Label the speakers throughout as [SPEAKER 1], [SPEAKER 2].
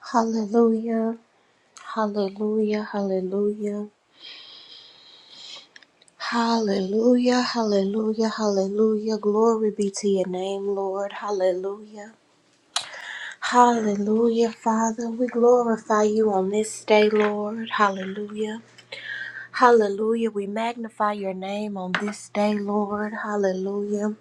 [SPEAKER 1] Hallelujah, hallelujah, hallelujah, hallelujah, hallelujah, hallelujah. Glory be to your name, Lord. Hallelujah, hallelujah, Father. We glorify you on this day, Lord. Hallelujah, hallelujah. We magnify your name on this day, Lord. Hallelujah.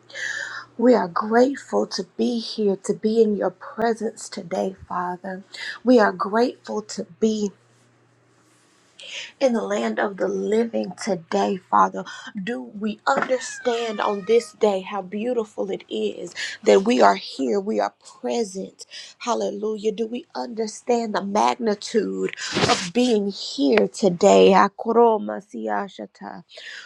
[SPEAKER 1] We are grateful to be here, to be in your presence today, Father. We are grateful to be in the land of the living today, Father. Do we understand on this day how beautiful it is that we are here, we are present? Hallelujah. Do we understand the magnitude of being here today? Akoroma siashata.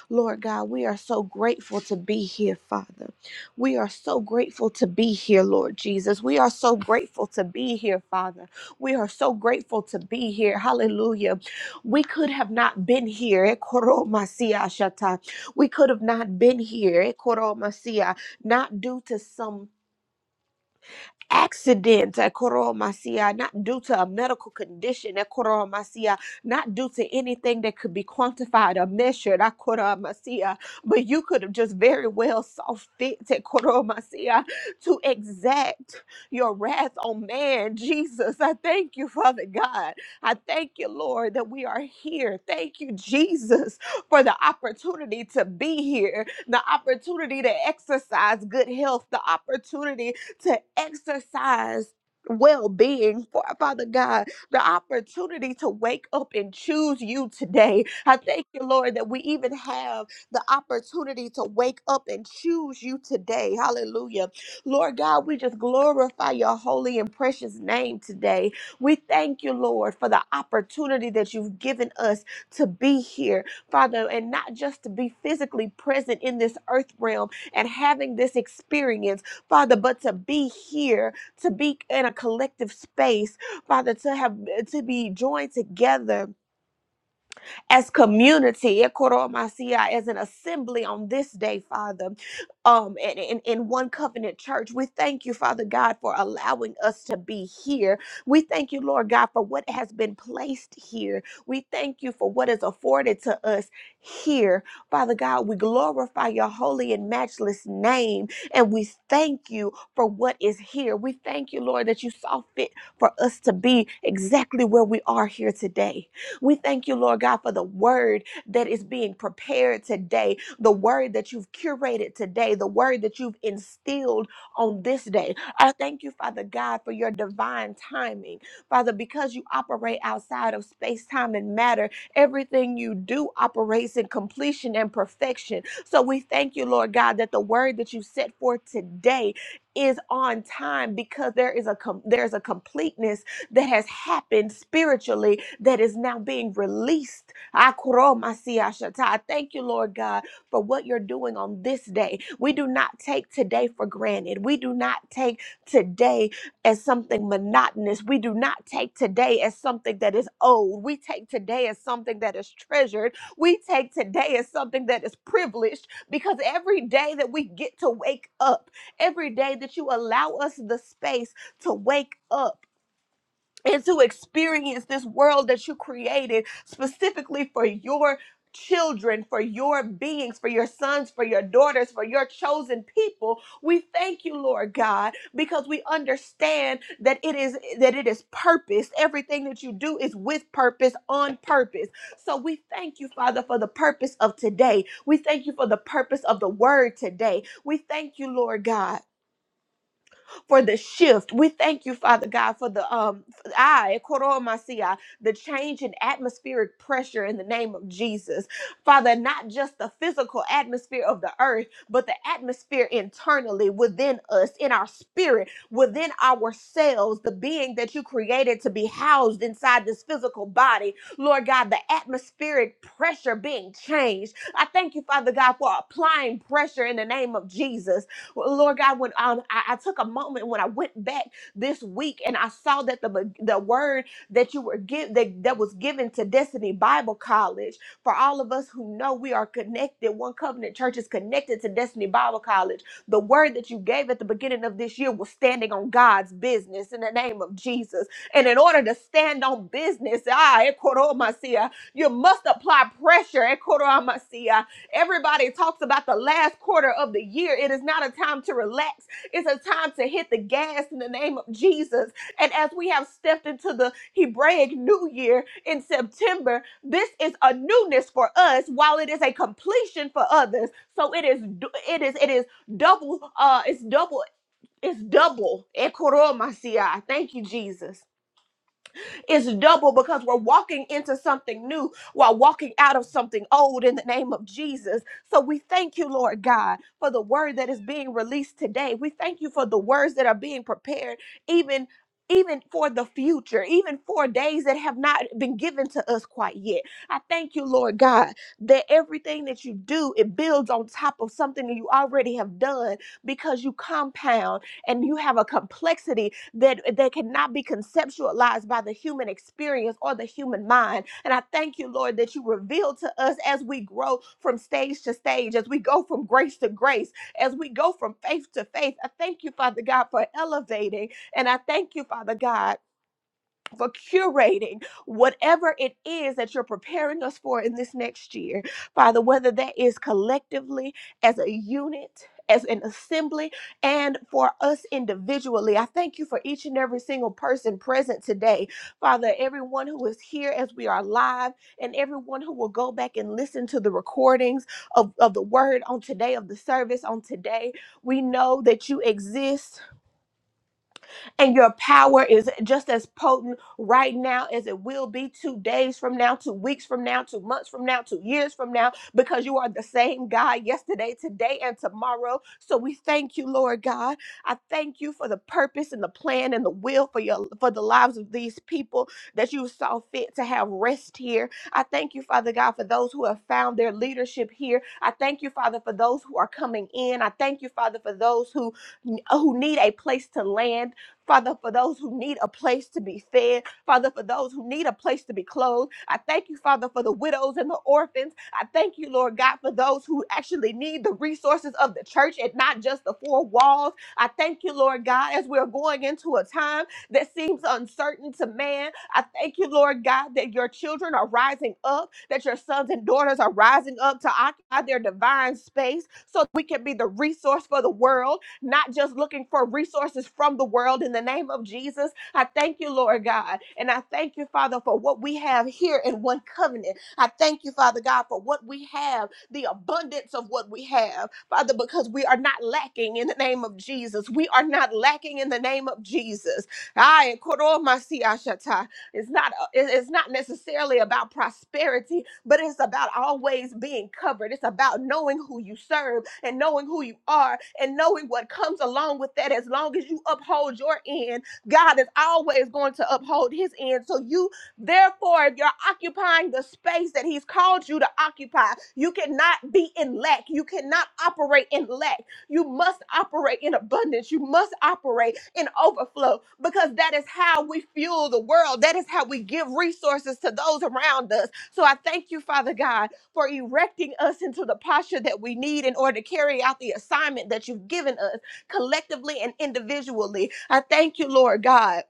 [SPEAKER 1] Lord God, we are so grateful to be here, Father. We are so grateful to be here, Lord Jesus. We are so grateful to be here, Father. We are so grateful to be here. Hallelujah. We could have not been here. eh, koro masia shata. We could have not been here, eh, koro masia, not due to some accident, eh, Koro Masia, not due to a medical condition, eh, Koro Masia, not due to anything that could be quantified or measured, eh, Koro Masia, but you could have just very well saw fit, eh, Koro Masia, to exact your wrath on man. Jesus, I thank you, Father God. I thank you, Lord, that we are here. Thank you, Jesus, for the opportunity to be here, the opportunity to exercise good health, the opportunity to exercise well being, Father God, the opportunity to wake up and choose you today. I thank you, Lord, that we even have the opportunity to wake up and choose you today. Hallelujah. Lord God, we just glorify your holy and precious name today. We thank you, Lord, for the opportunity that you've given us to be here, Father, and not just to be physically present in this earth realm and having this experience Father, but to be here, to be in a collective space, Father, to have to be joined together as community, as an assembly on this day, Father, um, and in, in One Covenant Church. We thank you, Father God, for allowing us to be here. We thank you, Lord God, for what has been placed here. We thank you for what is afforded to us here. Father God, we glorify your holy and matchless name, and we thank you for what is here. We thank you, Lord, that you saw fit for us to be exactly where we are here today. We thank you, Lord God, for the word that is being prepared today, the word that you've curated today, the word that you've instilled on this day. I thank you, Father God, for your divine timing. Father, because you operate outside of space, time, and matter, everything you do operates in completion and perfection. So we thank you, Lord God, that the word that you set forth today is on time because there is a com- there's a completeness that has happened spiritually that is now being released. Akoromasiashata. I Thank you, Lord God, for what you're doing on this day. We do not take today for granted. We do not take today as something monotonous. We do not take today as something that is old. We take today as something that is treasured. We take today as something that is privileged because every day that we get to wake up, every day that you allow us the space to wake up and to experience this world that you created specifically for your children, for your beings, for your sons, for your daughters, for your chosen people. We thank you, Lord God, because we understand that it is that it is purpose. Everything that you do is with purpose, on purpose. So we thank you, Father, for the purpose of today. We thank you for the purpose of the word today. We thank you, Lord God for the shift. We thank you, Father God, for the um I Masia, the change in atmospheric pressure in the name of Jesus. Father, not just the physical atmosphere of the earth, but the atmosphere internally within us, in our spirit, within ourselves, the being that you created to be housed inside this physical body. Lord God, the atmospheric pressure being changed. I thank you, Father God, for applying pressure in the name of Jesus well, Lord God, when um, I, I took a moment when I went back this week and I saw that the the word that you were give that, that was given to Destiny Bible College for all of us who know we are connected. One Covenant Church is connected to Destiny Bible College. The word that you gave at the beginning of this year was standing on God's business in the name of Jesus. And in order to stand on business, ah, ekoromasia, you must apply pressure. ekoromasia, Everybody talks about the last quarter of the year. It is not a time to relax. It's a time to hit the gas in the name of Jesus. And as we have stepped into the Hebraic New Year in September, this is a newness for us while it is a completion for others. So it is du- it is it is double uh it's double it's double. Ekoromasiah. Thank you, Jesus. It's double because we're walking into something new while walking out of something old in the name of Jesus. So we thank you, Lord God, for the word that is being released today. We thank you for the words that are being prepared, even even for the future, even for days that have not been given to us quite yet. I thank you, Lord God, that everything that you do, it builds on top of something that you already have done because you compound and you have a complexity that that cannot be conceptualized by the human experience or the human mind. And I thank you, Lord, that you reveal to us as we grow from stage to stage, as we go from grace to grace, as we go from faith to faith. I thank you, Father God, for elevating. And I thank you, Father God for curating whatever it is that you're preparing us for in this next year. Father, whether that is collectively as a unit, as an assembly, and for us individually. I thank you for each and every single person present today. Father, everyone who is here as we are live, and everyone who will go back and listen to the recordings of, of the word on today, of the service on today. We know that you exist and your power is just as potent right now as it will be two days from now, two weeks from now, two months from now, two years from now, because you are the same God yesterday, today, and tomorrow. So we thank you, Lord God. I thank you for the purpose and the plan and the will for your for the lives of these people that you saw fit to have rest here. I thank you, Father God, for those who have found their leadership here. I thank you, Father, for those who are coming in. I thank you, Father, for those who who need a place to land. Father, for those who need a place to be fed, Father, for those who need a place to be clothed. I thank you, Father, for the widows and the orphans. I thank you, Lord God, for those who actually need the resources of the church and not just the four walls. I thank you, Lord God, as we're going into a time that seems uncertain to man. I thank you, Lord God, that your children are rising up, that your sons and daughters are rising up to occupy their divine space so that we can be the resource for the world not just looking for resources from the world in the name of Jesus. I thank you, Lord God. And I thank you, Father, for what we have here in one covenant. I thank you, Father God, for what we have, the abundance of what we have, Father, because we are not lacking in the name of Jesus. We are not lacking in the name of Jesus. Ay, koromasiashata. It's not uh, it- it's not necessarily about prosperity, but it's about always being covered. It's about knowing who you serve and knowing who you are and knowing what comes along with that as long as you uphold your end god is always going to uphold his end so you therefore if you're occupying the space that he's called you to occupy you cannot be in lack you cannot operate in lack you must operate in abundance you must operate in overflow because that is how we fuel the world that is how we give resources to those around us so i thank you father god for erecting us into the posture that we need in order to carry out the assignment that you've given us collectively and individually. I thank you, Lord God,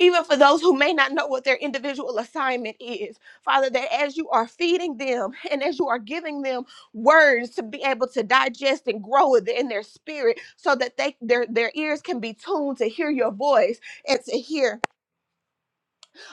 [SPEAKER 1] even for those who may not know what their individual assignment is. Father, that as you are feeding them and as you are giving them words to be able to digest and grow it in their spirit so that they their, their ears can be tuned to hear your voice and to hear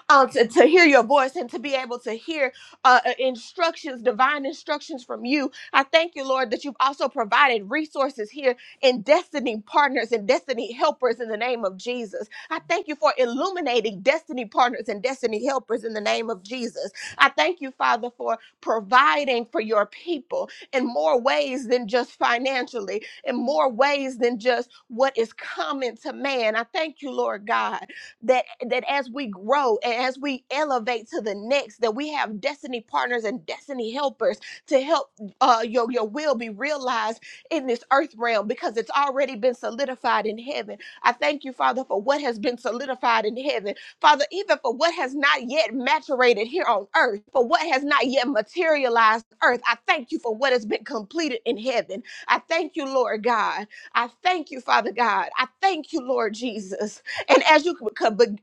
[SPEAKER 1] um, to, to hear your voice and to be able to hear uh, uh, instructions, divine instructions from you. I thank you, Lord, that you've also provided resources here in destiny partners and destiny helpers in the name of Jesus. I thank you for illuminating destiny partners and destiny helpers in the name of Jesus. I thank you, Father, for providing for your people in more ways than just financially, in more ways than just what is common to man. I thank you, Lord God that that as we grow and as we elevate to the next that we have destiny partners and destiny helpers to help uh your your will be realized in this earth realm because it's already been solidified in heaven i thank you father for what has been solidified in heaven father even for what has not yet maturated here on earth for what has not yet materialized on earth i thank you for what has been completed in heaven i thank you lord god i thank you father god i thank you lord jesus and as you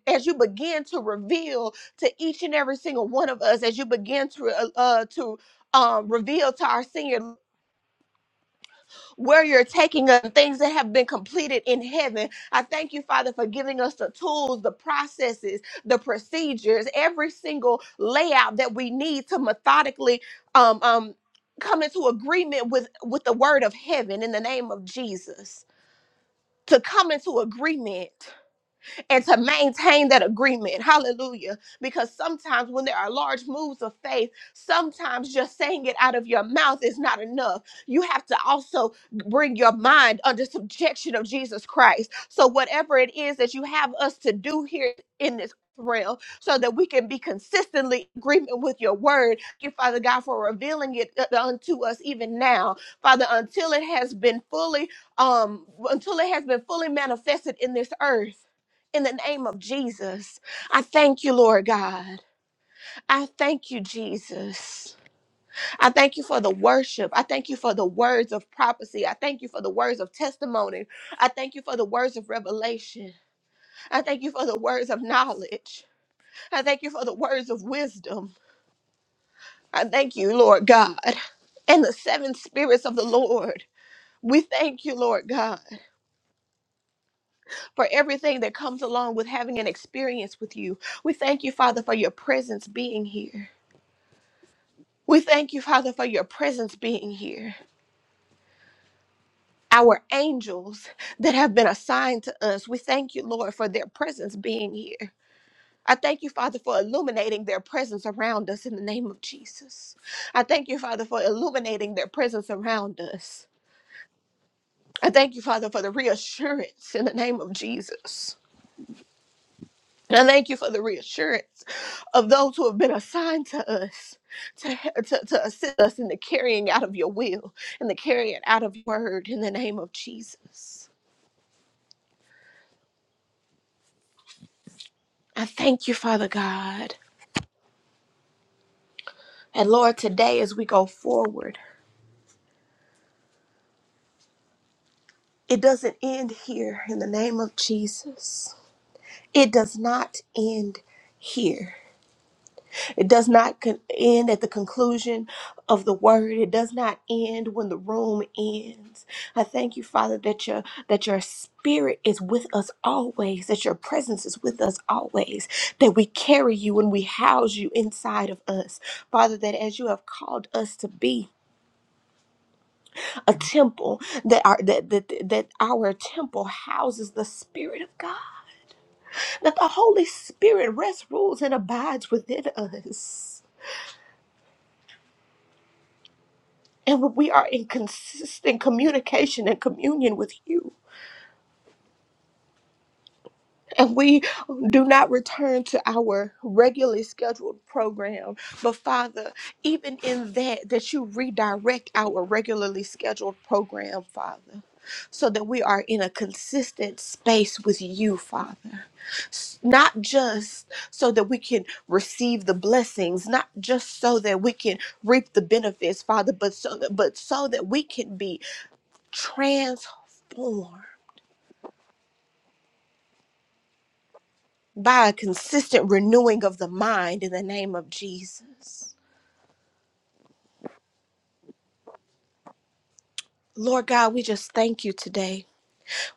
[SPEAKER 1] as you begin to reveal to each and every single one of us, as you begin to uh, uh, to um, reveal to our senior where you're taking us, things that have been completed in heaven. I thank you, Father, for giving us the tools, the processes, the procedures, every single layout that we need to methodically um, um, come into agreement with with the word of heaven in the name of Jesus. To come into agreement and to maintain that agreement. Hallelujah. Because sometimes when there are large moves of faith, sometimes just saying it out of your mouth is not enough. You have to also bring your mind under subjection of Jesus Christ. So, whatever it is that you have us to do here in this realm, so that we can be consistently in agreement with your word, Thank you, Father God, for revealing it uh, unto us even now, Father, until it has been fully, um, until it has been fully manifested in this earth. In the name of Jesus, I thank you, Lord God. I thank you, Jesus. I thank you for the worship. I thank you for the words of prophecy. I thank you for the words of testimony. I thank you for the words of revelation. I thank you for the words of knowledge. I thank you for the words of wisdom. I thank you, Lord God. And the seven spirits of the Lord. We thank you, Lord God, for everything that comes along with having an experience with you. We thank you, Father, for your presence being here. We thank you, Father, for your presence being here. Our angels that have been assigned to us, we thank you, Lord, for their presence being here. I thank you, Father, for illuminating their presence around us in the name of Jesus. I thank you, Father, for illuminating their presence around us. I thank you, Father, for the reassurance in the name of Jesus. And I thank you for the reassurance of those who have been assigned to us to, to, to assist us in the carrying out of your will and the carrying out of your word in the name of Jesus. I thank you, Father God. And Lord, today as we go forward, it doesn't end here in the name of Jesus. It does not end here It does not con- end at the conclusion of the word. It does not end when the room ends. I thank you, Father, that your that your spirit is with us always, that your presence is with us always, that we carry you and we house you inside of us. Father, that as you have called us to be a temple, that our that that, that our temple houses the Spirit of God, that the Holy Spirit rests, rules, and abides within us. And when we are in consistent communication and communion with you, and we do not return to our regularly scheduled program, but Father, even in that, that you redirect our regularly scheduled program, Father, so that we are in a consistent space with you, Father. S- Not just so that we can receive the blessings, not just so that we can reap the benefits, Father, but so that, but so that we can be transformed by a consistent renewing of the mind in the name of Jesus. Lord God, we just thank you today.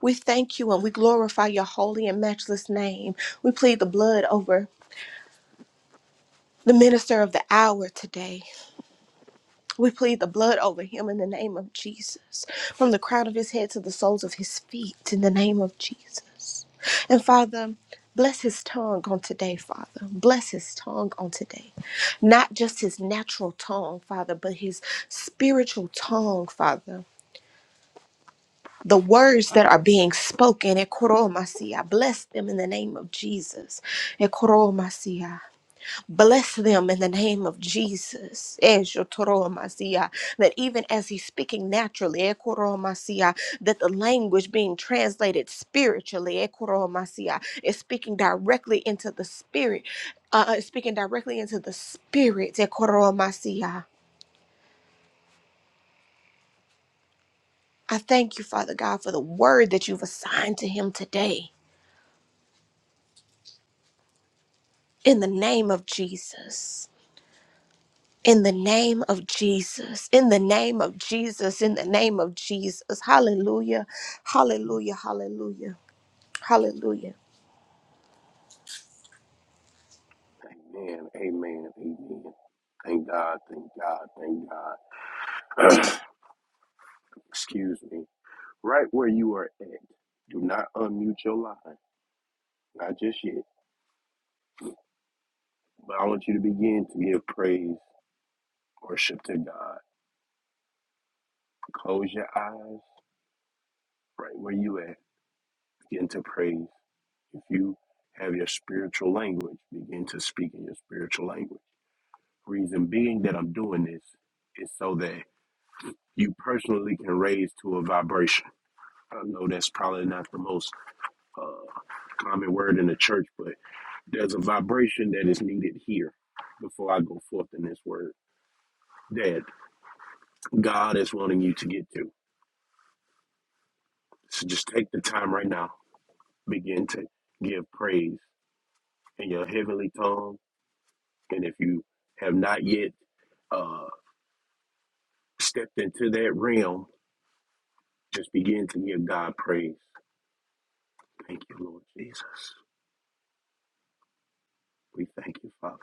[SPEAKER 1] We thank you and we glorify your holy and matchless name. We plead the blood over the minister of the hour today. We plead the blood over him in the name of Jesus, from the crown of his head to the soles of his feet, in the name of Jesus. And Father, bless his tongue on today, Father. Bless his tongue on today. Not just his natural tongue, Father, but his spiritual tongue, Father. The words that are being spoken, Ekoromasi, I bless them in the name of Jesus. Ekoro Masia. Bless them in the name of Jesus. Eshotoromasia. That even as he's speaking naturally, ekoromasia, that the language being translated spiritually ekoromasia, is speaking directly into the spirit, uh, is speaking directly into the spirit. ekoromasia. I thank you, Father God, for the word that you've assigned to him today in the name of Jesus. In the name of Jesus, in the name of Jesus, in the name of Jesus. Hallelujah, hallelujah, hallelujah, hallelujah.
[SPEAKER 2] Amen. Amen. Amen. Thank God. Thank God. Thank God. Excuse me. Right where you are at, do not unmute your line. Not just yet, but I want you to begin to give praise, worship to God. Close your eyes right where you at. Begin to praise. If you have your spiritual language, begin to speak in your spiritual language. Reason being that I'm doing this is so that you personally can raise to a vibration. I know that's probably not the most uh, common word in the church, but there's a vibration that is needed here before I go forth in this word that God is wanting you to get to. So just take the time right now, begin to give praise in your heavenly tongue. And if you have not yet uh, stepped into that realm, just begin to give God praise. Thank you, Lord Jesus. We thank you, Father.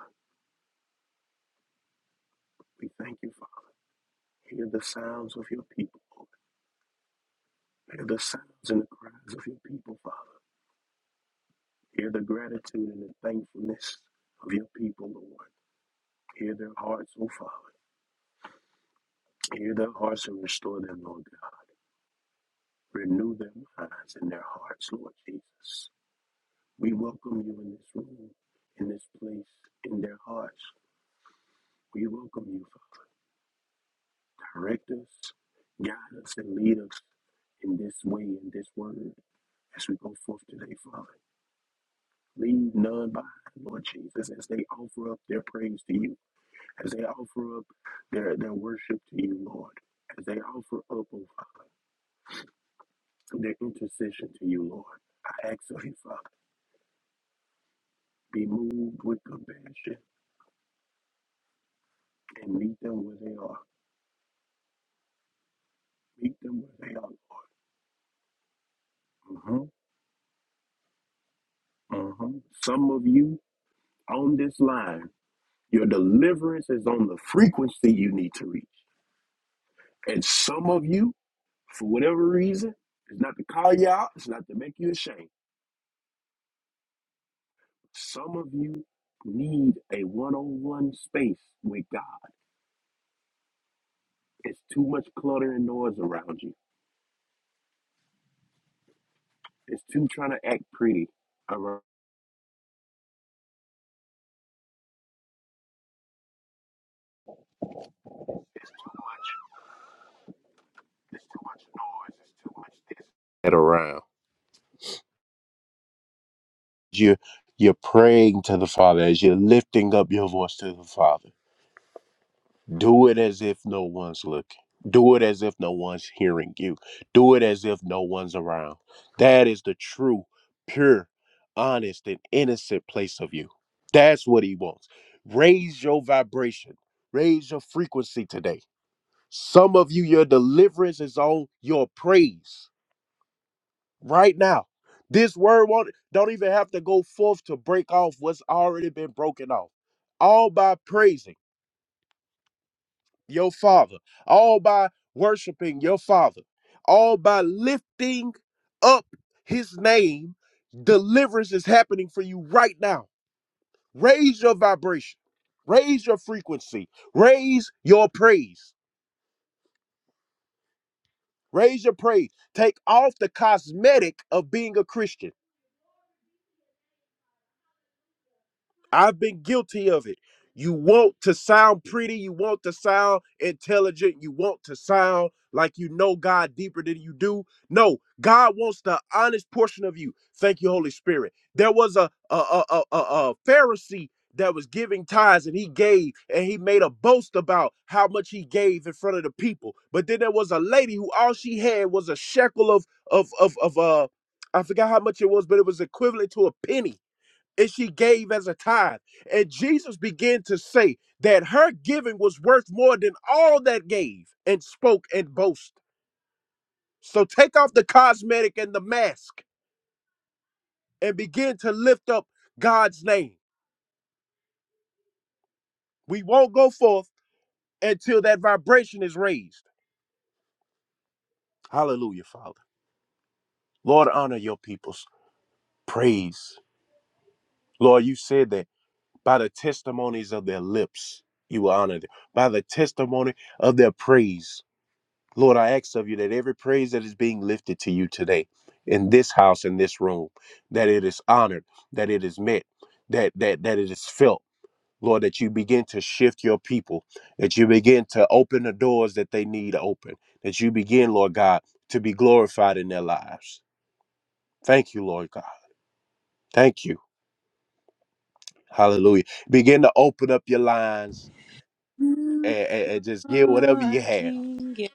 [SPEAKER 2] We thank you, Father. Hear the sounds of your people. Lord. Hear the sounds and the cries of your people, Father. Hear the gratitude and the thankfulness of your people, Lord. Hear their hearts, O Father. Hear their hearts and restore them, Lord God. Renew their minds and their hearts, Lord Jesus. We welcome you in this room, in this place, in their hearts. We welcome you, Father. Direct us, guide us, and lead us in this way, in this word, as we go forth today, Father. Leave none behind, Lord Jesus, as they offer up their praise to you. as they offer up their, their worship to you, Lord, as they offer up, oh Father, their intercession to you, Lord. I ask of you, Father, be moved with compassion and meet them where they are. Meet them where they are, Lord. hmm hmm Some of you on this line, your deliverance is on the frequency you need to reach. And some of you, for whatever reason, it's not to call you out, it's not to make you ashamed. Some of you need a one on one space with God. It's too much clutter and noise around you. It's too trying to act pretty around. It's too much. It's too much noise. It's too much this. Get around. You you're praying to the Father as you're lifting up your voice to the Father. Do it as if no one's looking. Do it as if no one's hearing you. Do it as if no one's around. That is the true, pure, honest, and innocent place of you. That's what he wants. Raise your vibration. Raise your frequency today Some of you, your deliverance is on your praise right now. This word won't don't even have to go forth to break off what's already been broken off. All by praising your father, all by worshiping your father, all by lifting up his name, deliverance is happening for you right now. Raise your vibration, raise your frequency, raise your praise, raise your praise. Take off the cosmetic of being a Christian I've been guilty of it. You want to sound pretty, you want to sound intelligent, you want to sound like you know God deeper than you do. No, God wants the honest portion of you. Thank you, Holy Spirit. There was a a a, a, a, a Pharisee that was giving tithes and he gave and he made a boast about how much he gave in front of the people. But then there was a lady who all she had was a shekel of of of of uh I forgot how much it was, but it was equivalent to a penny and she gave as a tithe. And Jesus began to say that her giving was worth more than all that gave and spoke and boast. So take off the cosmetic and the mask and begin to lift up God's name. We won't go forth until that vibration is raised. Hallelujah, Father. Lord, honor your people's praise. Lord, you said that by the testimonies of their lips, you will honor them. By the testimony of their praise, Lord, I ask of you that every praise that is being lifted to you today in this house, in this room, that it is honored, that it is met, that that that it is felt. Lord, that you begin to shift your people, that you begin to open the doors that they need open, that you begin, Lord God, to be glorified in their lives. Thank you, Lord God. Thank you. Hallelujah. Begin to open up your lines
[SPEAKER 3] You
[SPEAKER 2] and, and and just give whatever you
[SPEAKER 3] are
[SPEAKER 2] have.
[SPEAKER 3] King. yes,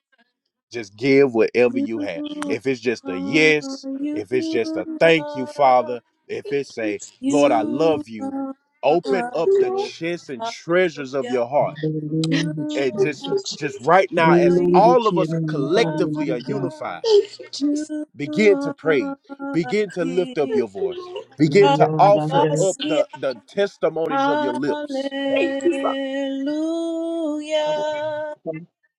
[SPEAKER 2] Just give whatever
[SPEAKER 3] You
[SPEAKER 2] you have. If it's just a
[SPEAKER 3] are.
[SPEAKER 2] yes,
[SPEAKER 3] You
[SPEAKER 2] if it's just a thank you,
[SPEAKER 3] are.
[SPEAKER 2] Father, if it's
[SPEAKER 1] Thank
[SPEAKER 2] a Lord, I
[SPEAKER 3] You
[SPEAKER 2] love you,
[SPEAKER 3] are
[SPEAKER 2] open up
[SPEAKER 1] you,
[SPEAKER 2] the
[SPEAKER 1] Lord.
[SPEAKER 3] King.
[SPEAKER 2] chests and treasures of
[SPEAKER 3] Hallelujah.
[SPEAKER 2] your
[SPEAKER 4] In
[SPEAKER 2] heart.
[SPEAKER 4] the name of
[SPEAKER 3] You
[SPEAKER 2] And just
[SPEAKER 1] Thank you,
[SPEAKER 3] are.
[SPEAKER 4] Jesus.
[SPEAKER 2] just
[SPEAKER 1] Jesus.
[SPEAKER 2] right now, as
[SPEAKER 4] Glory
[SPEAKER 3] You
[SPEAKER 2] all
[SPEAKER 4] to
[SPEAKER 2] of
[SPEAKER 4] your
[SPEAKER 2] us
[SPEAKER 4] name.
[SPEAKER 2] collectively are
[SPEAKER 4] Hallelujah.
[SPEAKER 2] unified,
[SPEAKER 1] Thank you, Jesus.
[SPEAKER 2] begin to
[SPEAKER 3] are. You
[SPEAKER 2] pray.
[SPEAKER 3] are
[SPEAKER 2] Begin to lift up
[SPEAKER 3] King.
[SPEAKER 2] your voice.
[SPEAKER 1] Thank
[SPEAKER 2] Begin to offer up
[SPEAKER 3] Hallelujah.
[SPEAKER 2] the, the testimonies of your lips.
[SPEAKER 1] you, Lord. Thank you,
[SPEAKER 3] Hallelujah.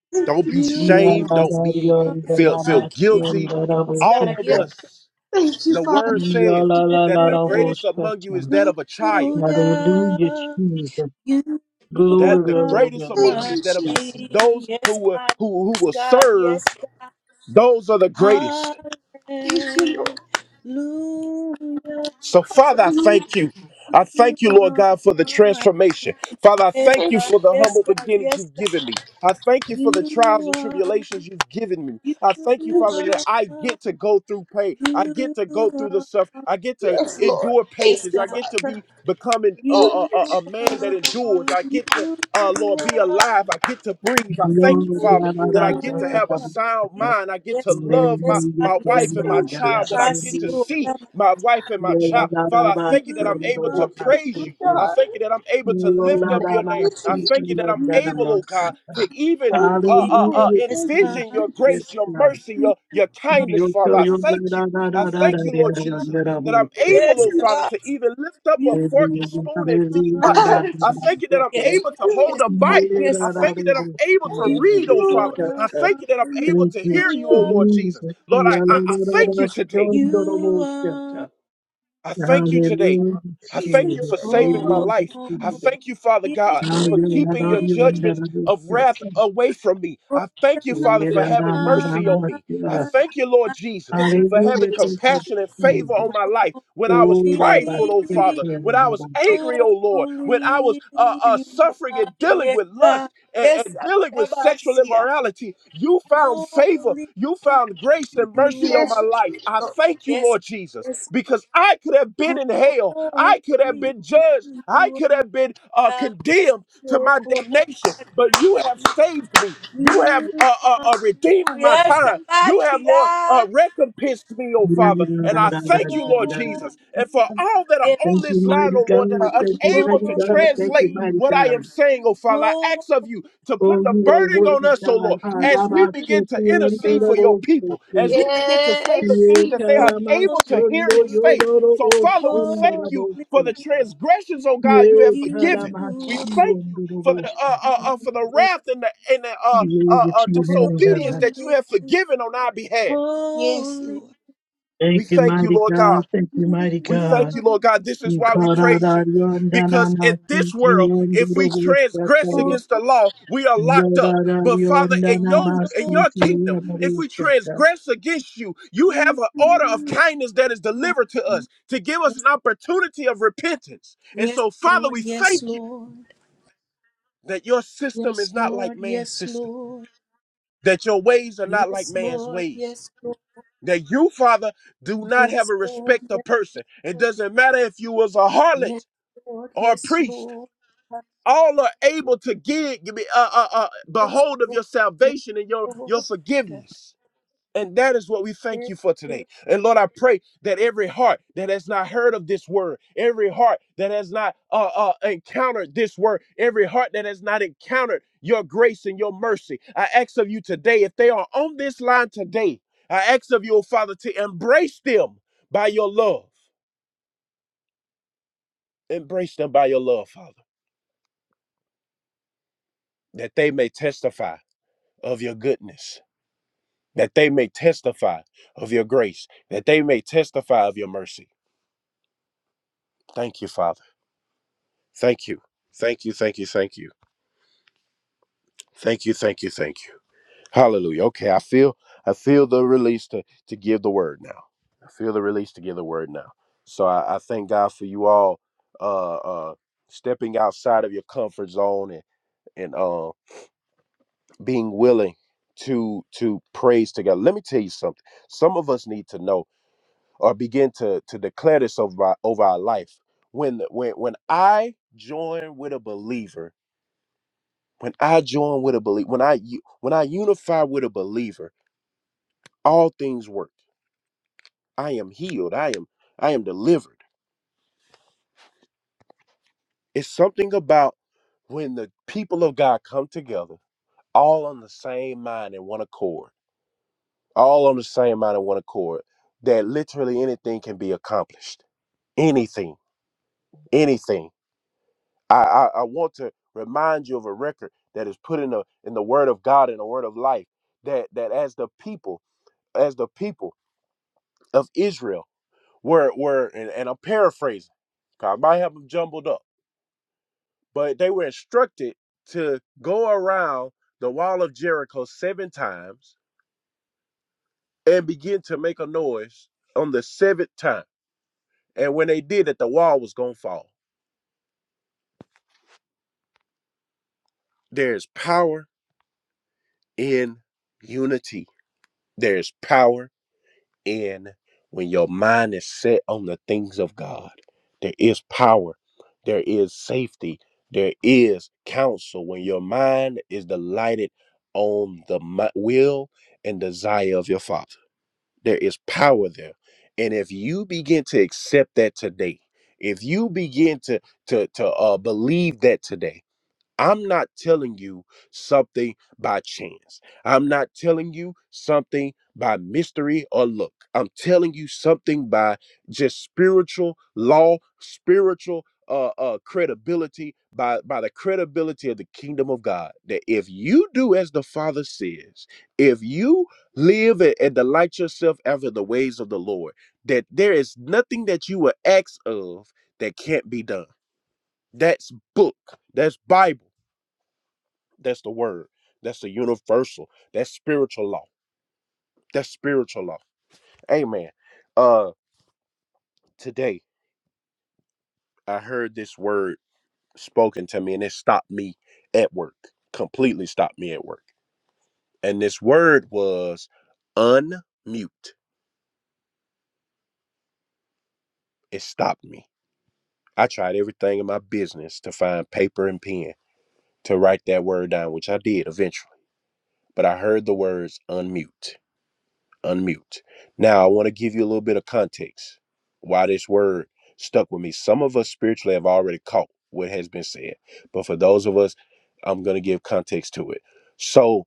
[SPEAKER 1] Father.
[SPEAKER 2] Don't be
[SPEAKER 3] You
[SPEAKER 2] ashamed. Don't
[SPEAKER 4] Yadanda-
[SPEAKER 2] be feel feel
[SPEAKER 3] are King.
[SPEAKER 2] guilty.
[SPEAKER 3] Yes,
[SPEAKER 2] All
[SPEAKER 3] God.
[SPEAKER 2] of
[SPEAKER 3] Yes,
[SPEAKER 4] Yadadadiyandaramasundaraboshata.
[SPEAKER 2] us
[SPEAKER 1] Thank you,
[SPEAKER 2] The
[SPEAKER 1] Father.
[SPEAKER 2] word says that the greatest
[SPEAKER 3] God.
[SPEAKER 2] among you is
[SPEAKER 4] Yalalalaraboshata.
[SPEAKER 2] that of a child.
[SPEAKER 4] Hallelujah,
[SPEAKER 3] Hallelujah.
[SPEAKER 4] Jesus.
[SPEAKER 3] You
[SPEAKER 2] That
[SPEAKER 4] Glory to
[SPEAKER 2] the
[SPEAKER 4] your
[SPEAKER 2] greatest
[SPEAKER 4] name.
[SPEAKER 2] among
[SPEAKER 1] Thank
[SPEAKER 2] you
[SPEAKER 3] are
[SPEAKER 1] you,
[SPEAKER 2] is that of a child.
[SPEAKER 4] Rabokata.
[SPEAKER 1] Jesus.
[SPEAKER 3] King.
[SPEAKER 2] Those who
[SPEAKER 3] Yes,
[SPEAKER 2] will
[SPEAKER 3] God.
[SPEAKER 2] who, who
[SPEAKER 3] Yes,
[SPEAKER 2] will
[SPEAKER 3] God.
[SPEAKER 2] serve,
[SPEAKER 3] Yes, God.
[SPEAKER 2] those are the greatest.
[SPEAKER 1] Thank you, Lord.
[SPEAKER 3] Hallelujah.
[SPEAKER 2] So, Father, I
[SPEAKER 1] Thank you.
[SPEAKER 2] thank you. I
[SPEAKER 3] You
[SPEAKER 2] thank you, Lord God, for the
[SPEAKER 3] are King.
[SPEAKER 2] transformation. Father, I
[SPEAKER 3] Yes,
[SPEAKER 2] thank
[SPEAKER 1] Jesus.
[SPEAKER 2] you
[SPEAKER 3] God.
[SPEAKER 2] for the
[SPEAKER 3] Yes,
[SPEAKER 2] humble
[SPEAKER 3] God.
[SPEAKER 2] beginnings
[SPEAKER 3] Yes,
[SPEAKER 2] you've
[SPEAKER 3] God.
[SPEAKER 2] given me. I thank you for
[SPEAKER 3] You
[SPEAKER 2] the trials and
[SPEAKER 3] are.
[SPEAKER 2] tribulations you've given me. I thank you,
[SPEAKER 3] You
[SPEAKER 2] Father, that I
[SPEAKER 3] are.
[SPEAKER 2] get to go through pain. I get
[SPEAKER 3] You
[SPEAKER 2] to go through the
[SPEAKER 3] are
[SPEAKER 2] stuff. I get to
[SPEAKER 1] Yes,
[SPEAKER 3] holy.
[SPEAKER 1] Lord.
[SPEAKER 2] endure
[SPEAKER 1] Thank
[SPEAKER 3] Yes,
[SPEAKER 2] patience.
[SPEAKER 1] you,
[SPEAKER 3] God.
[SPEAKER 2] I get to be
[SPEAKER 1] Father.
[SPEAKER 2] becoming a,
[SPEAKER 3] You
[SPEAKER 1] Thank
[SPEAKER 2] a,
[SPEAKER 1] you.
[SPEAKER 2] a
[SPEAKER 3] are,
[SPEAKER 2] a man that endures. I get to,
[SPEAKER 3] you
[SPEAKER 2] uh, Lord, be
[SPEAKER 3] are,
[SPEAKER 2] alive. I get to breathe. I thank
[SPEAKER 3] you
[SPEAKER 2] you,
[SPEAKER 4] Glory to
[SPEAKER 1] Thank
[SPEAKER 2] Father, that
[SPEAKER 1] you,
[SPEAKER 2] I
[SPEAKER 1] Lord.
[SPEAKER 2] get to
[SPEAKER 3] are.
[SPEAKER 2] have a sound
[SPEAKER 4] yadadadadadaboshata.
[SPEAKER 2] mind. I get to
[SPEAKER 3] Yes, God,
[SPEAKER 2] love my,
[SPEAKER 3] yes,
[SPEAKER 4] Hallelujah
[SPEAKER 3] God,
[SPEAKER 2] my
[SPEAKER 4] to your
[SPEAKER 3] yes,
[SPEAKER 2] wife and my
[SPEAKER 4] name,
[SPEAKER 3] God.
[SPEAKER 1] Thank you,
[SPEAKER 4] God.
[SPEAKER 2] child,
[SPEAKER 1] Jesus.
[SPEAKER 2] that I get to
[SPEAKER 3] Damasio,
[SPEAKER 4] Hallelujah.
[SPEAKER 2] see my
[SPEAKER 3] Damasia.
[SPEAKER 2] wife and my child. Father, I thank you that I'm
[SPEAKER 3] You
[SPEAKER 2] able
[SPEAKER 3] are,
[SPEAKER 2] to
[SPEAKER 1] Thank you,
[SPEAKER 3] you
[SPEAKER 2] praise
[SPEAKER 1] Lord
[SPEAKER 2] you. I
[SPEAKER 4] Yadadadabasundaraboshata.
[SPEAKER 1] God.
[SPEAKER 2] thank you that I'm able to
[SPEAKER 3] are.
[SPEAKER 4] Hallelujah,
[SPEAKER 2] lift up your name.
[SPEAKER 1] Thank you,
[SPEAKER 2] I
[SPEAKER 1] Jesus.
[SPEAKER 2] thank you that I'm able, oh God, to even
[SPEAKER 1] Thank
[SPEAKER 2] uh,
[SPEAKER 1] you,
[SPEAKER 2] uh,
[SPEAKER 1] Lord.
[SPEAKER 2] uh,
[SPEAKER 3] Yes,
[SPEAKER 1] Thank you,
[SPEAKER 4] Jesus.
[SPEAKER 2] envision
[SPEAKER 3] God.
[SPEAKER 2] your
[SPEAKER 1] Jesus.
[SPEAKER 2] grace,
[SPEAKER 4] Yes,
[SPEAKER 2] your
[SPEAKER 4] God.
[SPEAKER 2] mercy,
[SPEAKER 3] You
[SPEAKER 2] your, your
[SPEAKER 3] are, you are.
[SPEAKER 2] kindness, Father.
[SPEAKER 4] Yoto
[SPEAKER 2] I
[SPEAKER 4] yola
[SPEAKER 2] thank
[SPEAKER 4] da
[SPEAKER 2] you.
[SPEAKER 4] da da
[SPEAKER 2] I
[SPEAKER 4] da da da da
[SPEAKER 2] thank you, Lord
[SPEAKER 4] da
[SPEAKER 2] Jesus,
[SPEAKER 4] da da
[SPEAKER 2] that I'm
[SPEAKER 4] bo.
[SPEAKER 1] Thank
[SPEAKER 2] able,
[SPEAKER 3] Yes,
[SPEAKER 2] oh
[SPEAKER 1] you.
[SPEAKER 3] God.
[SPEAKER 2] Father, to even lift up a
[SPEAKER 3] You
[SPEAKER 2] fork and
[SPEAKER 4] Hallelujah,
[SPEAKER 2] spoon and feed
[SPEAKER 4] hallelujah,
[SPEAKER 3] are
[SPEAKER 4] da da
[SPEAKER 2] myself. I thank
[SPEAKER 3] King.
[SPEAKER 2] you
[SPEAKER 4] da.
[SPEAKER 2] that I'm
[SPEAKER 4] Okay.
[SPEAKER 3] Yes,
[SPEAKER 2] able to
[SPEAKER 3] God,
[SPEAKER 2] hold
[SPEAKER 3] yes,
[SPEAKER 2] a
[SPEAKER 3] God,
[SPEAKER 4] Yeah,
[SPEAKER 2] Bible.
[SPEAKER 3] yes,
[SPEAKER 2] I
[SPEAKER 4] da
[SPEAKER 3] God.
[SPEAKER 4] da
[SPEAKER 2] thank
[SPEAKER 4] da
[SPEAKER 2] you that I'm
[SPEAKER 4] bo.
[SPEAKER 2] able
[SPEAKER 4] Da
[SPEAKER 2] to
[SPEAKER 1] Thank
[SPEAKER 3] You
[SPEAKER 4] da
[SPEAKER 2] read,
[SPEAKER 1] you,
[SPEAKER 2] oh
[SPEAKER 4] da
[SPEAKER 2] Father.
[SPEAKER 1] Lord.
[SPEAKER 4] da
[SPEAKER 2] I
[SPEAKER 3] are,
[SPEAKER 4] da.
[SPEAKER 2] thank you that I'm able
[SPEAKER 4] Thank
[SPEAKER 2] to
[SPEAKER 4] you,
[SPEAKER 2] hear
[SPEAKER 3] you
[SPEAKER 2] you, oh
[SPEAKER 3] are,
[SPEAKER 2] Lord Jesus.
[SPEAKER 4] Jesus.
[SPEAKER 2] Lord, I,
[SPEAKER 4] Yala
[SPEAKER 2] I,
[SPEAKER 3] yes,
[SPEAKER 2] I
[SPEAKER 4] da da
[SPEAKER 3] God.
[SPEAKER 2] thank
[SPEAKER 4] da,
[SPEAKER 2] you today
[SPEAKER 4] shondo da
[SPEAKER 3] You
[SPEAKER 4] bo
[SPEAKER 3] are
[SPEAKER 4] shata.
[SPEAKER 2] I thank you
[SPEAKER 3] the
[SPEAKER 2] today.
[SPEAKER 4] Hallelujah,
[SPEAKER 2] I
[SPEAKER 1] Be to
[SPEAKER 2] thank you
[SPEAKER 4] Jesus.
[SPEAKER 2] for
[SPEAKER 3] holy,
[SPEAKER 1] your name,
[SPEAKER 2] saving my
[SPEAKER 1] Lord.
[SPEAKER 3] oh
[SPEAKER 4] Hallelujah,
[SPEAKER 2] life. I
[SPEAKER 3] God.
[SPEAKER 4] Jesus.
[SPEAKER 2] thank you, Father God, for
[SPEAKER 4] Hallelujah,
[SPEAKER 2] keeping your judgments of
[SPEAKER 4] Hallelujah.
[SPEAKER 2] wrath away from me. I thank you, Father, for having mercy on me. I thank you, Lord Jesus, for having
[SPEAKER 4] thank you,
[SPEAKER 2] compassion and favor
[SPEAKER 4] Jesus.
[SPEAKER 2] on my life when I was
[SPEAKER 4] Oh, Rabbi,
[SPEAKER 2] prideful,
[SPEAKER 3] You're
[SPEAKER 2] oh
[SPEAKER 4] take
[SPEAKER 3] mighty,
[SPEAKER 2] Father,
[SPEAKER 4] care of
[SPEAKER 3] holy.
[SPEAKER 2] when I was
[SPEAKER 4] Rabbi.
[SPEAKER 2] angry, oh Lord, when I was
[SPEAKER 3] Holy
[SPEAKER 2] uh, uh,
[SPEAKER 3] you
[SPEAKER 2] suffering
[SPEAKER 3] are,
[SPEAKER 2] and dealing
[SPEAKER 3] yes,
[SPEAKER 2] with
[SPEAKER 3] sir.
[SPEAKER 2] lust and,
[SPEAKER 3] Yes,
[SPEAKER 2] and dealing with sexual
[SPEAKER 3] Abasia.
[SPEAKER 2] immorality. You found favor,
[SPEAKER 3] Holy
[SPEAKER 2] you found grace and
[SPEAKER 3] you
[SPEAKER 2] mercy on my
[SPEAKER 3] are,
[SPEAKER 1] Yes,
[SPEAKER 2] life. I
[SPEAKER 1] Lord.
[SPEAKER 2] thank you,
[SPEAKER 3] yes,
[SPEAKER 2] Lord Jesus
[SPEAKER 3] yes.
[SPEAKER 2] because I could have been in hell. I could have
[SPEAKER 3] Holy
[SPEAKER 2] been judged. I
[SPEAKER 3] you
[SPEAKER 2] could have
[SPEAKER 3] are,
[SPEAKER 2] been uh,
[SPEAKER 3] Tabas,
[SPEAKER 2] condemned to
[SPEAKER 3] your
[SPEAKER 2] my damnation, but you have saved me. You have
[SPEAKER 3] You
[SPEAKER 2] uh, uh,
[SPEAKER 3] are,
[SPEAKER 2] uh, redeemed my
[SPEAKER 3] Yes,
[SPEAKER 2] time. You have, Lord,
[SPEAKER 3] Abatia.
[SPEAKER 2] uh, recompensed me, oh Father. And I
[SPEAKER 3] you
[SPEAKER 2] thank you, Lord
[SPEAKER 3] are,
[SPEAKER 2] Jesus. And for all that
[SPEAKER 3] yes,
[SPEAKER 2] are on
[SPEAKER 4] Thank you,
[SPEAKER 2] this line,
[SPEAKER 4] mighty
[SPEAKER 2] oh
[SPEAKER 4] God.
[SPEAKER 2] Lord, that are
[SPEAKER 1] Thank
[SPEAKER 4] Thank
[SPEAKER 1] you,
[SPEAKER 4] you,
[SPEAKER 1] Jesus.
[SPEAKER 2] unable
[SPEAKER 4] mighty
[SPEAKER 2] to
[SPEAKER 4] God. Thank you,
[SPEAKER 2] translate
[SPEAKER 3] holy,
[SPEAKER 4] mighty
[SPEAKER 2] what I am
[SPEAKER 4] God.
[SPEAKER 2] saying, oh Father, I
[SPEAKER 3] holy,
[SPEAKER 2] ask of you to
[SPEAKER 4] Oh,
[SPEAKER 2] put the
[SPEAKER 4] you are
[SPEAKER 2] burden on
[SPEAKER 4] worthy,
[SPEAKER 2] us, oh
[SPEAKER 4] God.
[SPEAKER 2] Lord,
[SPEAKER 4] Ah,
[SPEAKER 2] as we
[SPEAKER 4] Rabbi,
[SPEAKER 3] you
[SPEAKER 2] begin
[SPEAKER 4] take
[SPEAKER 2] to
[SPEAKER 4] care of the
[SPEAKER 2] intercede for
[SPEAKER 3] are,
[SPEAKER 2] your
[SPEAKER 4] Lord, take
[SPEAKER 2] people,
[SPEAKER 4] care.
[SPEAKER 2] as we begin to say the
[SPEAKER 1] Yes,
[SPEAKER 2] things
[SPEAKER 4] Ye
[SPEAKER 1] Jesus.
[SPEAKER 2] that they
[SPEAKER 3] Holy,
[SPEAKER 2] are
[SPEAKER 4] karama
[SPEAKER 2] unable to hear
[SPEAKER 4] sondo
[SPEAKER 2] and say.
[SPEAKER 4] yodoro
[SPEAKER 2] So,
[SPEAKER 4] o
[SPEAKER 2] Father, we
[SPEAKER 4] shondo
[SPEAKER 2] thank you
[SPEAKER 4] rabo.
[SPEAKER 3] holy,
[SPEAKER 2] for the transgressions, oh God, you
[SPEAKER 4] Yes,
[SPEAKER 2] have forgiven. We
[SPEAKER 3] you
[SPEAKER 2] thank you for the
[SPEAKER 3] are
[SPEAKER 4] Harabashiyondorobosha.
[SPEAKER 2] uh, uh, uh for the
[SPEAKER 3] Jesus.
[SPEAKER 2] wrath and the and the uh, uh
[SPEAKER 4] Glory
[SPEAKER 2] uh
[SPEAKER 4] to your name,
[SPEAKER 2] disobedience
[SPEAKER 4] God.
[SPEAKER 2] that you
[SPEAKER 3] Holy,
[SPEAKER 2] have forgiven on our behalf.
[SPEAKER 1] Yes,
[SPEAKER 3] holy,
[SPEAKER 1] Lord.
[SPEAKER 2] We
[SPEAKER 4] Thank you,
[SPEAKER 2] thank you,
[SPEAKER 4] mighty
[SPEAKER 2] Lord
[SPEAKER 4] God.
[SPEAKER 2] God.
[SPEAKER 4] Thank you, mighty
[SPEAKER 2] We
[SPEAKER 3] you
[SPEAKER 2] thank
[SPEAKER 4] God.
[SPEAKER 2] you,
[SPEAKER 3] are
[SPEAKER 2] Lord God. This is why we
[SPEAKER 3] King.
[SPEAKER 2] praise you. Because in this world, if we
[SPEAKER 3] holy,
[SPEAKER 2] transgress
[SPEAKER 4] Ikararariondanamasikiondoroboshataya.
[SPEAKER 2] against the law, we are locked up. But Father, in your in
[SPEAKER 3] Holy,
[SPEAKER 2] your
[SPEAKER 3] you
[SPEAKER 2] kingdom, if we
[SPEAKER 4] Yorarariondanamasikiondoroboshataya.
[SPEAKER 2] transgress against you, you have an order of kindness that is
[SPEAKER 3] are
[SPEAKER 2] delivered to us
[SPEAKER 3] Jesus.
[SPEAKER 2] to give us an opportunity of repentance. And
[SPEAKER 3] Yes,
[SPEAKER 2] so, Father,
[SPEAKER 3] Lord.
[SPEAKER 2] we thank you that your system
[SPEAKER 3] Yes,
[SPEAKER 2] is not like
[SPEAKER 3] Lord.
[SPEAKER 2] man's
[SPEAKER 3] Yes,
[SPEAKER 2] system
[SPEAKER 3] Lord.
[SPEAKER 2] that your ways are not like
[SPEAKER 3] Yes,
[SPEAKER 2] man's
[SPEAKER 3] Lord.
[SPEAKER 2] ways.
[SPEAKER 3] Yes, Lord.
[SPEAKER 2] That you, Father, do not have
[SPEAKER 3] Yes,
[SPEAKER 2] a
[SPEAKER 3] Lord.
[SPEAKER 2] respect of
[SPEAKER 3] Yes,
[SPEAKER 2] person. It
[SPEAKER 3] Lord.
[SPEAKER 2] doesn't matter if you was a
[SPEAKER 3] Yes, Lord.
[SPEAKER 2] harlot
[SPEAKER 3] Yes, Lord.
[SPEAKER 2] or a
[SPEAKER 3] Yes,
[SPEAKER 2] priest.
[SPEAKER 3] Lord.
[SPEAKER 2] All are able to give, give me, uh, uh, uh, behold of your salvation and your your forgiveness. And that is what we thank you for today. And Lord, I pray that every heart that has not heard of this word, every heart that has not uh, uh, encountered this word, every heart that has not encountered your grace and your mercy, I ask of you today, if they are on this line today, I ask of you, oh Father, to embrace them by your love. Embrace them by your love, Father, that they may testify of your goodness, that they may testify of your grace, that they may testify of your mercy. Thank you, Father. Thank you. Thank you. Thank you. Thank you. Thank you. Thank you. Thank you. Hallelujah. Okay, I feel I feel the release to to give the word now. I feel the release to give the word now. So I, I thank God for you all uh uh stepping outside of your comfort zone and and uh being willing to to praise together. Let me tell you something. Some of us need to know or begin to to declare this over our, over our life. When when when I join with a believer When I join with a belief, when I u- when I unify with a believer, all things work. I am healed. I am I am delivered. It's something about when the people of God come together, all on the same mind and one accord, all on the same mind and one accord, that literally anything can be accomplished. Anything, anything. I, I, I want to remind you of a record that is put in the in the Word of God in the Word of Life. That that as the people, as the people of Israel. were were and, and I'm paraphrasing. paraphrasing. I might have them jumbled up, but they were instructed to go around the wall of Jericho seven times and begin to make a noise on the seventh time. And when they did it, the wall was gonna fall. There's power in unity. There's power in when your mind is set on the things of God. There is power, there is safety, there is counsel when your mind is delighted on the mi- will and desire of your Father. There is power there. And if you begin to accept that today, if you begin to to to uh, believe that today, I'm not telling you something by chance. I'm not telling you something by mystery or look. I'm telling you something by just spiritual law, spiritual uh, uh, credibility, by, by the credibility of the kingdom of God. That if you do as the Father says, if you live and, and delight yourself after the ways of the Lord, that there is nothing that you will ask of that can't be done. That's book. That's Bible. That's the word. That's the universal. That's spiritual law. That's spiritual law. Amen. Uh today I heard this word spoken to me and it stopped me at work. Completely stopped me at work. And this word was unmute. It stopped me. I tried everything in my business to find paper and pen to write that word down, which I did eventually. But I heard the words unmute. unmute. Now, I want to give you a little bit of context why this word stuck with me. Some of us spiritually have already caught what has been said, but for those of us, I'm going to give context to it. So,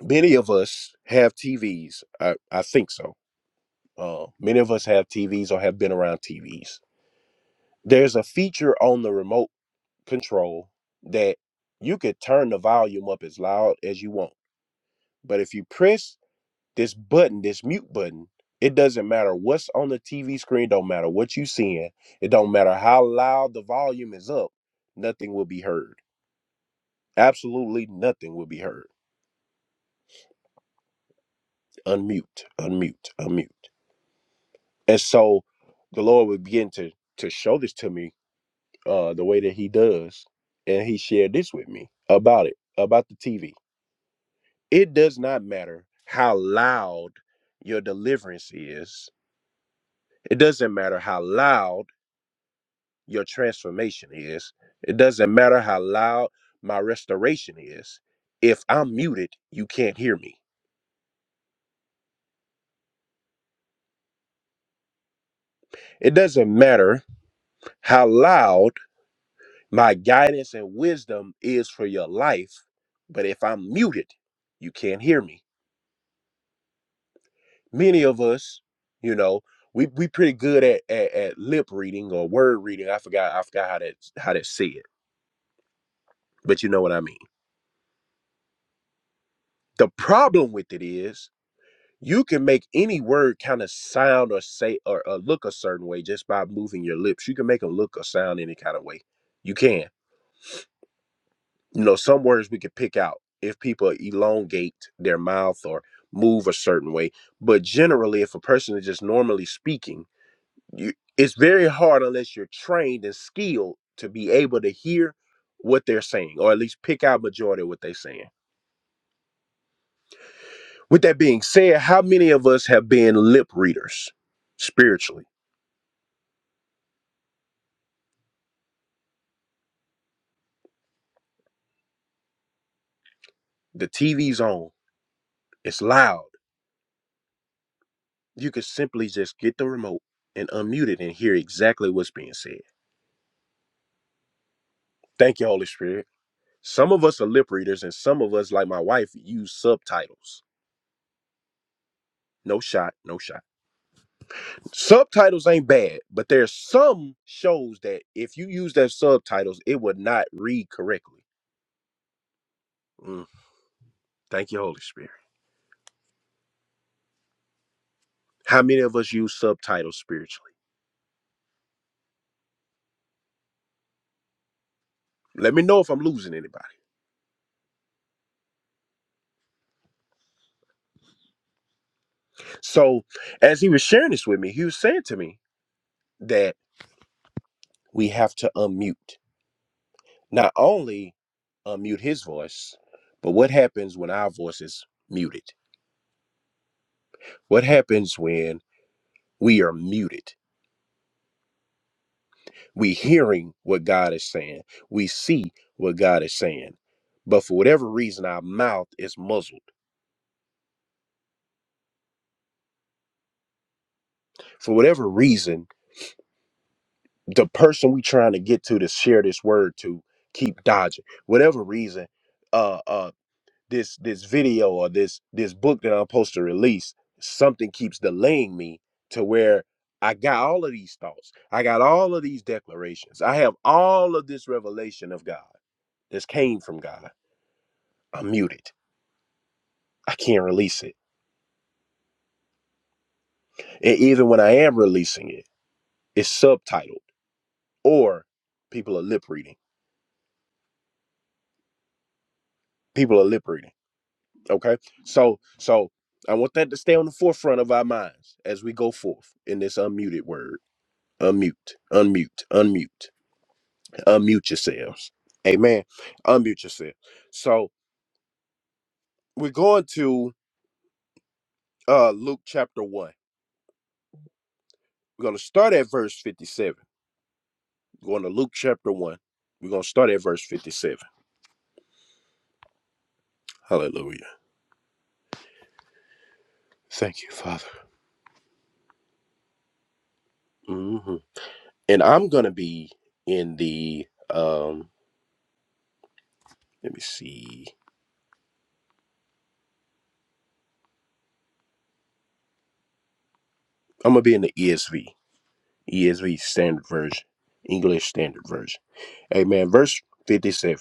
[SPEAKER 2] many of us have TVs. I, I think so. Uh, many of us have TVs or have been around TVs. There's a feature on the remote control that you could turn the volume up as loud as you want. But if you press this button, this mute button, it doesn't matter what's on the TV screen, don't matter what you seeing, it don't matter how loud the volume is up, nothing will be heard. Absolutely nothing will be heard. Unmute, unmute, unmute. And so the Lord would begin to to show this to me uh the way that he does. And he shared this with me about it, about the TV. It does not matter how loud your deliverance is. It doesn't matter how loud your transformation is. It doesn't matter how loud my restoration is. If I'm muted, you can't hear me. It doesn't matter how loud my guidance and wisdom is for your life, but if I'm muted, you can't hear me. Many of us, you know, we we pretty good at, at, at lip reading or word reading. I forgot I forgot how that how that said, but you know what I mean. The problem with it is You can make any word kind of sound or say or, or look a certain way just by moving your lips. You can make them look or sound any kind of way. You can. You know, some words we could pick out if people elongate their mouth or move a certain way. But generally, if a person is just normally speaking, you, it's very hard unless you're trained and skilled to be able to hear what they're saying or at least pick out majority of what they're saying. With that being said, how many of us have been lip readers spiritually? The TV's on. It's loud. You can simply just get the remote and unmute it and hear exactly what's being said. Thank you, Holy Spirit. Some of us are lip readers, and some of us, like my wife, use subtitles. No shot, no shot. Subtitles ain't bad, but there's some shows that if you use their subtitles, it would not read correctly. Mm, thank you, Holy Spirit. How many of us use subtitles spiritually? Let me know if I'm losing anybody. So, as he was sharing this with me, he was saying to me that we have to unmute. Not only unmute his voice, but what happens when our voice is muted? What happens when we are muted? We hearing what God is saying. We see what God is saying. But for whatever reason, our mouth is muzzled. For whatever reason, the person we trying to get to to share this word to keep dodging. Whatever reason, uh. uh, this this video or this this book that I'm supposed to release, something keeps delaying me to where I got all of these thoughts. I got all of these declarations. I have all of this revelation of God. This came from God. I'm muted. I can't release it. And even when I am releasing it, it's subtitled or people are lip reading. People are lip reading. Okay? So so I want that to stay on the forefront of our minds as we go forth in this unmuted word. Unmute, unmute, unmute. unmute yourselves. Amen. Unmute yourself. So we're going to uh Luke chapter one. We're going to start at verse 57. going to Luke chapter one. We're going to start at verse 57. Hallelujah. Thank you, Father. hmm And I'm going to be in the um let me see. I'm going to be in the ESV. ESV standard version. English standard version. Amen. Verse 57.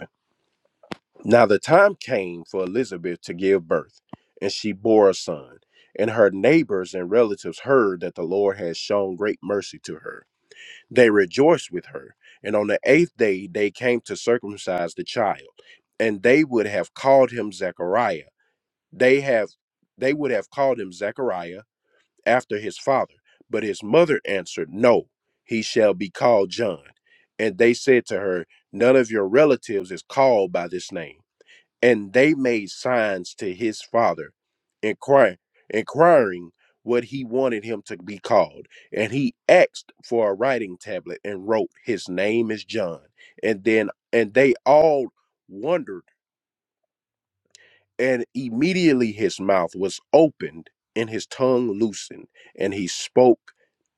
[SPEAKER 2] Now the time came for Elizabeth to give birth, and she bore a son. And her neighbors and relatives heard that the Lord had shown great mercy to her. They rejoiced with her. And on the eighth day they came to circumcise the child, and they would have called him Zechariah. They have they would have called him Zechariah after his father. But his mother answered, No, he shall be called John. And they said to her, None of your relatives is called by this name and they made signs to his father, inquiring, inquiring what he wanted him to be called. And he asked for a writing tablet and wrote, "His name is John." And then, and they all wondered, and immediately his mouth was opened and his tongue loosened, and he spoke,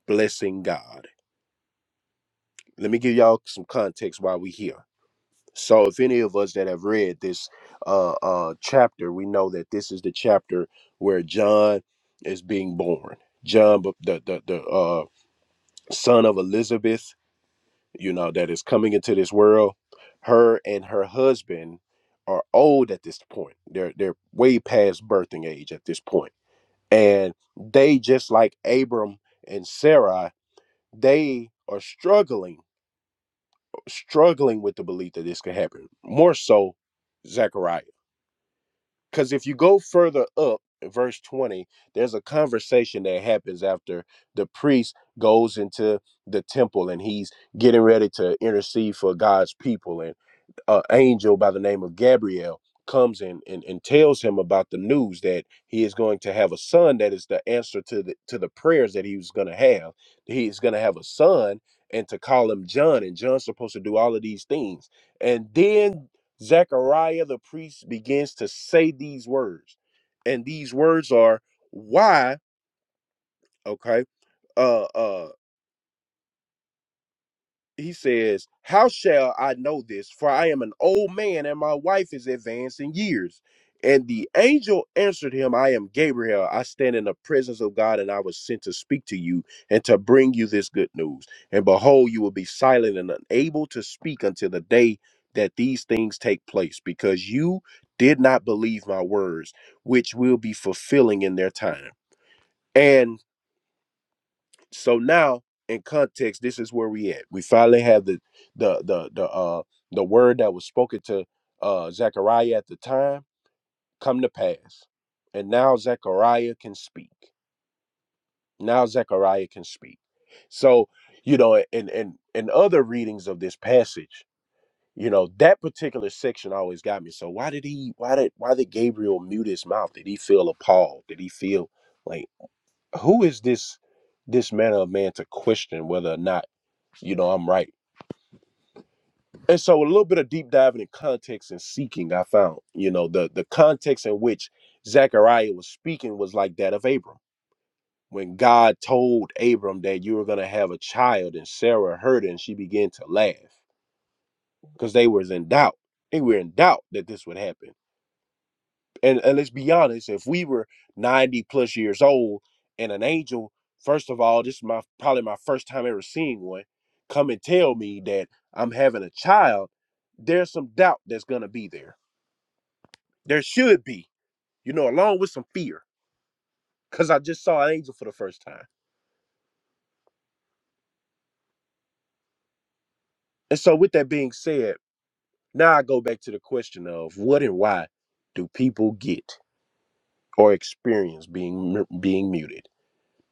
[SPEAKER 2] blessing God. Let me give y'all some context why we here So, if any of us that have read this uh, uh, chapter, we know that this is the chapter where John is being born. John, b- the the, the uh, son of Elizabeth, you know, that is coming into this world. Her and her husband are old at this point. They're they're way past birthing age at this point, and they just like Abram and Sarai, they are struggling struggling with the belief that this could happen. More so, Zechariah. because if you go further up verse 20 there's a conversation that happens after the priest goes into the temple and he's getting ready to intercede for god's people and uh, angel by the name of Gabriel comes in and, and tells him about the news that he is going to have a son that is the answer to the to the prayers that he was going to have. He is going to have a son and to call him John and John's supposed to do all of these things. And then Zechariah the priest begins to say these words. And these words are why, okay? Uh. Uh. he says, How shall I know this? For I am an old man and my wife is advanced in years. And the angel answered him, I am Gabriel. I stand in the presence of God, and I was sent to speak to you and to bring you this good news. And behold, you will be silent and unable to speak until the day that these things take place, because you did not believe my words, which will be fulfilling in their time. And so now, in context, this is where we at. We finally have the the the the uh the word that was spoken to uh Zechariah at the time come to pass, and now Zechariah can speak. Now Zechariah can speak. So you know, and and and other readings of this passage, you know, that particular section always got me. So why did he? Why did why did Gabriel mute his mouth? Did he feel appalled? Did he feel like who is this? This manner of man to question whether or not you know i'm right and so a little bit of deep diving in context and seeking i found you know the the context in which zechariah was speaking was like that of abram when god told abram that you were going to have a child and sarah heard it and she began to laugh because they was in doubt they were in doubt that this would happen and, and let's be honest, if we were 90 plus years old and an angel, first of all, this is my probably my first time ever seeing one, come and tell me that I'm having a child, there's some doubt that's gonna be there. There should be, you know, along with some fear. Cause I just saw an angel for the first time. And so with that being said, now I go back to the question of what and why do people get or experience being being muted?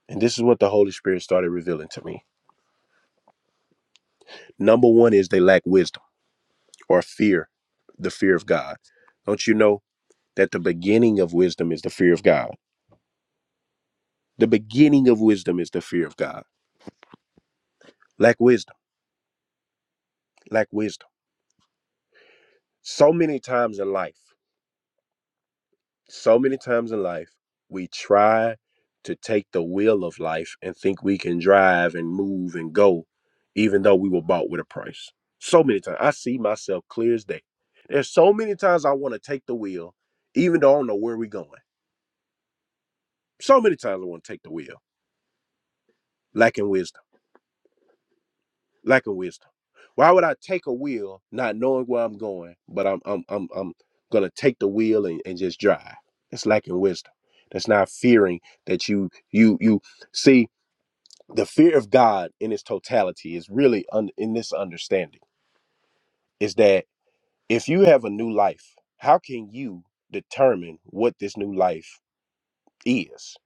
[SPEAKER 2] And this is what the Holy Spirit started revealing to me. Number one is they lack wisdom. or fear, the fear of God. Don't you know that the beginning of wisdom is the fear of God? The beginning of wisdom is the fear of God. Lack wisdom, lack wisdom. So many times in life, so many times in life, we try to take the wheel of life and think we can drive and move and go, even though we were bought with a price. So many times. I see myself clear as day. There's so many times I want to take the wheel, even though I don't know where we're going. So many times I want to take the wheel, lacking wisdom Lack of wisdom. Why would I take a wheel not knowing where I'm going, but I'm I'm I'm I'm gonna take the wheel and, and just drive? That's lacking wisdom. That's not fearing that you you you see the fear of God in its totality is really un, in this understanding is that if you have a new life, how can you determine what this new life is?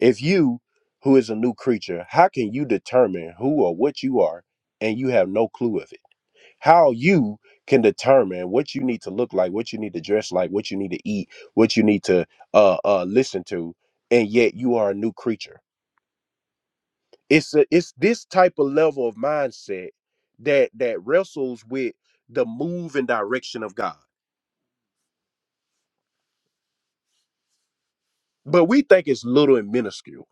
[SPEAKER 2] If you who is a new creature, how can you determine who or what you are and you have no clue of it? how you can determine what you need to look like, what you need to dress like, what you need to eat, what you need to uh, uh, listen to, and yet you are a new creature. It's a, it's this type of level of mindset that that wrestles with the move and direction of God. But we think it's little and minuscule.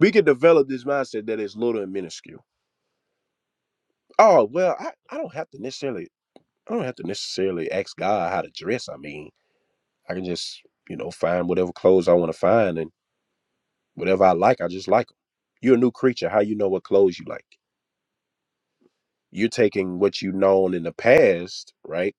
[SPEAKER 2] We can develop this mindset that is little and minuscule. Oh well, I, I don't have to necessarily I don't have to necessarily ask God how to dress. I mean, I can just you know find whatever clothes I want to find and Whatever I like, I just like them. 'em. You're a new creature. How you know what clothes you like? You're taking what you known in the past, right?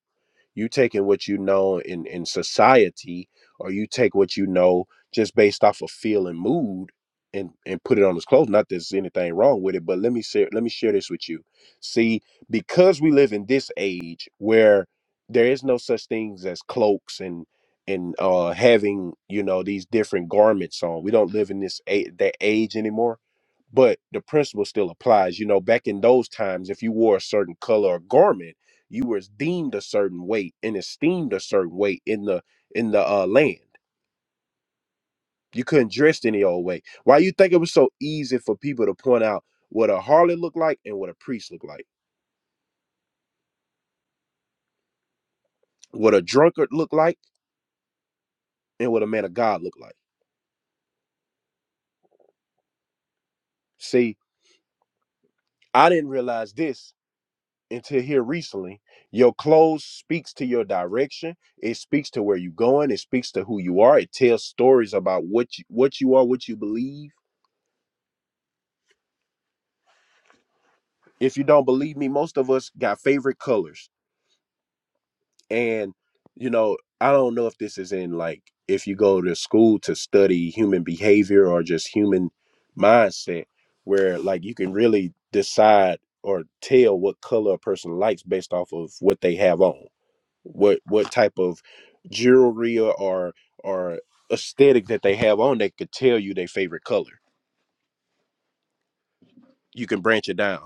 [SPEAKER 2] You taking what you know in in society, or you take what you know just based off of feel and mood, and and put it on his clothes. Not that there's anything wrong with it, but let me share let me share this with you. See, because we live in this age where there is no such things as cloaks and and uh having you know these different garments on we don't live in this a- that age anymore but the principle still applies. You know, back in those times, if you wore a certain color or garment, you were deemed a certain way and esteemed a certain way in the in the uh, land. You couldn't dress any old way. Why you think it was so easy for people to point out what a harlot looked like and what a priest looked like, what a drunkard looked like and what a man of God looked like? See, I didn't realize this until here recently your clothes speaks to your direction it speaks to where you're going it speaks to who you are it tells stories about what you, what you are what you believe if you don't believe me most of us got favorite colors and you know i don't know if this is in like if you go to school to study human behavior or just human mindset where like you can really decide or tell what color a person likes based off of what they have on what what type of jewelry or or aesthetic that they have on they could tell you their favorite color. You can branch it down.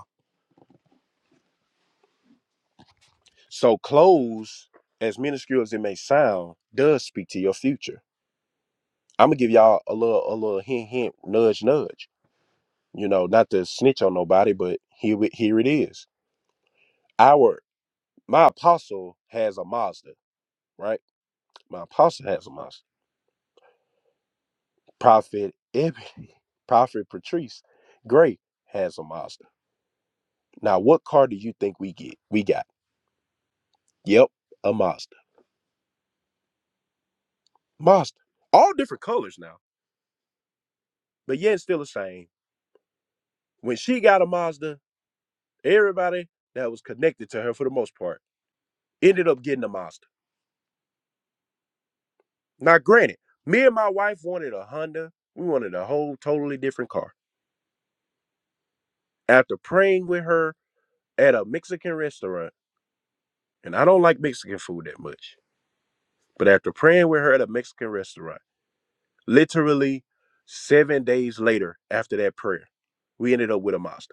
[SPEAKER 2] So clothes, as minuscule as it may sound, does speak to your future. I'm gonna give y'all a little a little hint hint nudge nudge. You know, not to snitch on nobody, but here it- here it is. Our my apostle has a Mazda, right? My apostle has a Mazda. Prophet Ebony, Prophet Patrice Gray has a Mazda Now, what car do you think we get? We got. Yep, a Mazda. Mazda. All different colors now, but yet still the same. When she got a Mazda, everybody that was connected to her for the most part ended up getting a Mazda. Now, granted, me and my wife wanted a Honda. We wanted a whole totally different car. After praying with her at a Mexican restaurant, and I don't like Mexican food that much, but after praying with her at a Mexican restaurant, literally seven days later after that prayer, we ended up with a Mazda.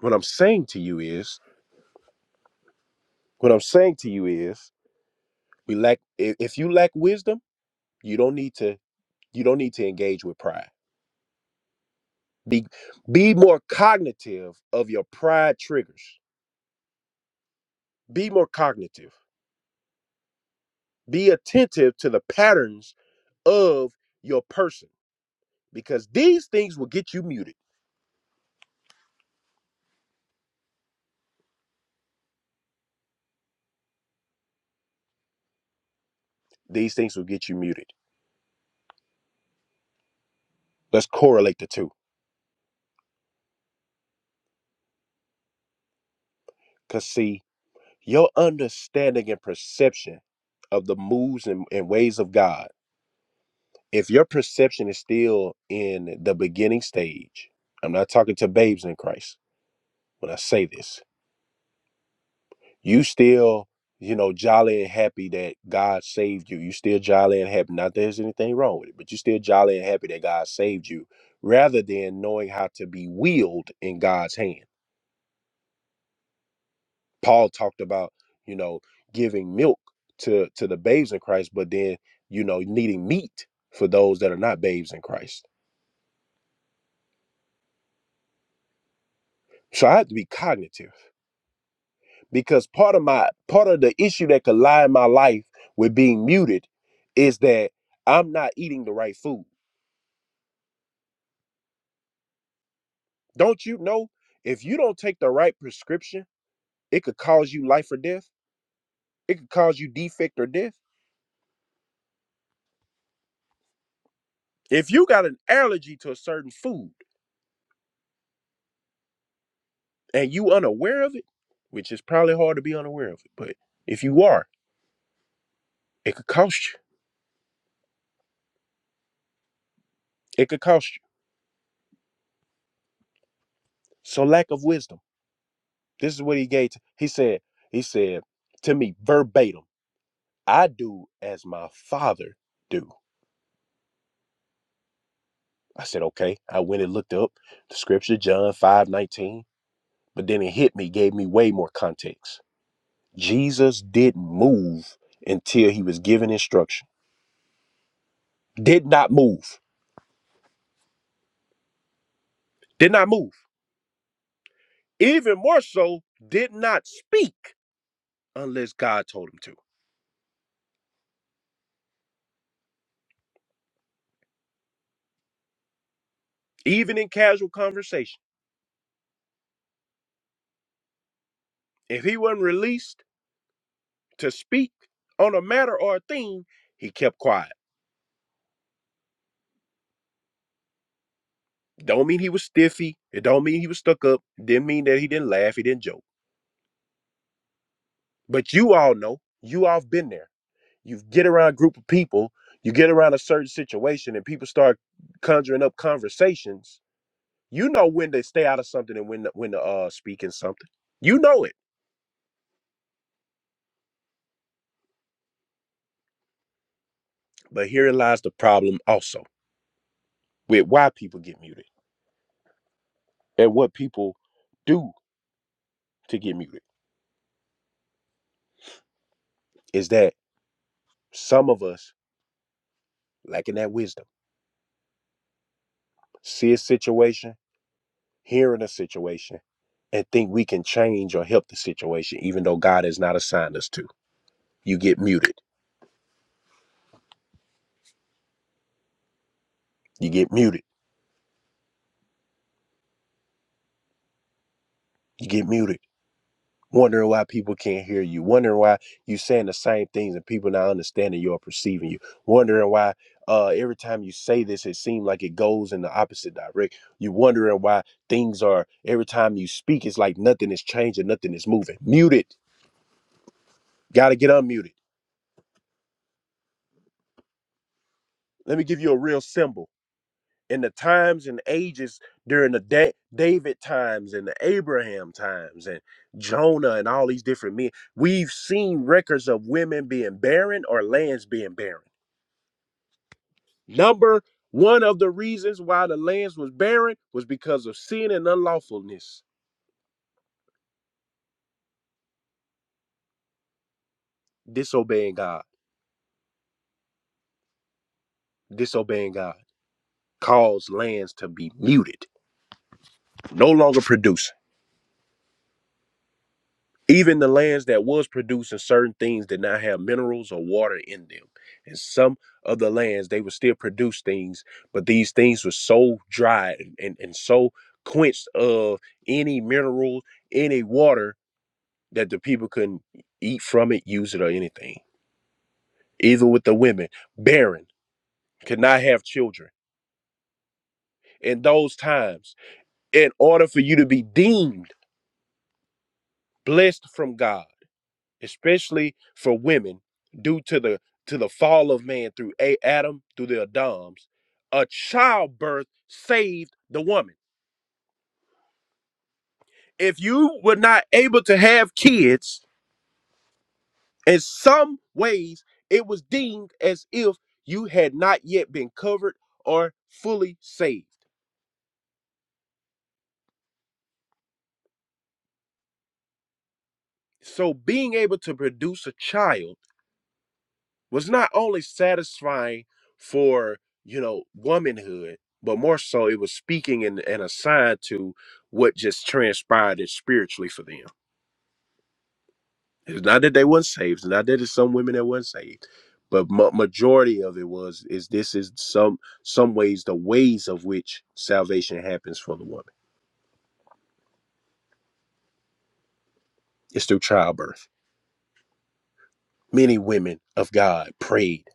[SPEAKER 2] What I'm saying to you is, what I'm saying to you is, we lack. i- If you lack wisdom, you don't need to. You don't need to engage with pride. Be be more cognitive of your pride triggers. Be more cognitive. Be attentive to the patterns of your person because these things will get you muted. These things will get you muted. Let's correlate the two. Cause see, your understanding and perception of the moves and, and ways of God if your perception is still in the beginning stage, I'm not talking to babes in Christ when I say this. You still, you know, jolly and happy that God saved you. You still jolly and happy. Not that there's anything wrong with it, but you still jolly and happy that God saved you, rather than knowing how to be wheeled in God's hand. Paul talked about, you know, giving milk to to the babes in Christ, but then, you know, needing meat for those that are not babes in Christ. So I have to be cognitive because part of my part of the issue that could lie in my life with being muted is that I'm not eating the right food. Don't you know if you don't take the right prescription, it could cause you life or death. It could cause you defect or death. If you got an allergy to a certain food and you unaware of it, which is probably hard to be unaware of it, but if you are, it could cost you. It could cost you. So lack of wisdom. This is what he gave. To, he said. He said to me verbatim. I do as my father do. I said, okay. I went and looked up the scripture, John 5 19. But then it hit me, gave me way more context. Jesus didn't move until he was given instruction. Did not move. Did not move. Even more so, did not speak unless God told him to. Even in casual conversation. If he wasn't released to speak on a matter or a theme, he kept quiet. Don't mean he was stiffy. It don't mean he was stuck up. Didn't mean that he didn't laugh. He didn't joke. But you all know, you all have been there. You get around a group of people, you get around a certain situation, and people start conjuring up conversations. You know when to stay out of something and when to, when to uh, speak in something. You know it. But herein lies the problem also with why people get muted and what people do to get muted is that some of us lacking that wisdom, see a situation hearing a situation and think we can change or help the situation, even though God has not assigned us to. You get muted. You get muted. You get muted. Wondering why people can't hear you. Wondering why you saying the same things and people not understanding you or perceiving you. Wondering why uh, every time you say this, it seems like it goes in the opposite direction. You wondering why things are every time you speak, it's like nothing is changing, nothing is moving. Muted. Got to get unmuted. Let me give you a real symbol. in the times and ages during the da- David times and the Abraham times and Jonah and all these different men, we've seen records of women being barren or lands being barren. Number one of the reasons why the lands was barren was because of sin and unlawfulness, disobeying God, disobeying God caused lands to be muted, no longer producing. Even the lands that was producing certain things did not have minerals or water in them. And some of the lands they would still produce things, but these things were so dry and, and, and so quenched of any mineral, any water that the people couldn't e, eat from it, use it, or anything. Even with the women, barren, could not have children. In those times, in order for you to be deemed blessed from God. especially for women, due to the to the fall of man through a Adam through the Adams, a childbirth saved the woman. If you were not able to have kids, in some ways, it was deemed as if you had not yet been covered or fully saved. So, being able to produce a child was not only satisfying for you know womanhood but more so it was speaking and, and a sign to what just transpired it spiritually for them it's not that they weren't saved it's not that it's some women that weren't saved but ma- majority of it was is this is some some ways the ways of which salvation happens for the woman it's through childbirth many women of god prayed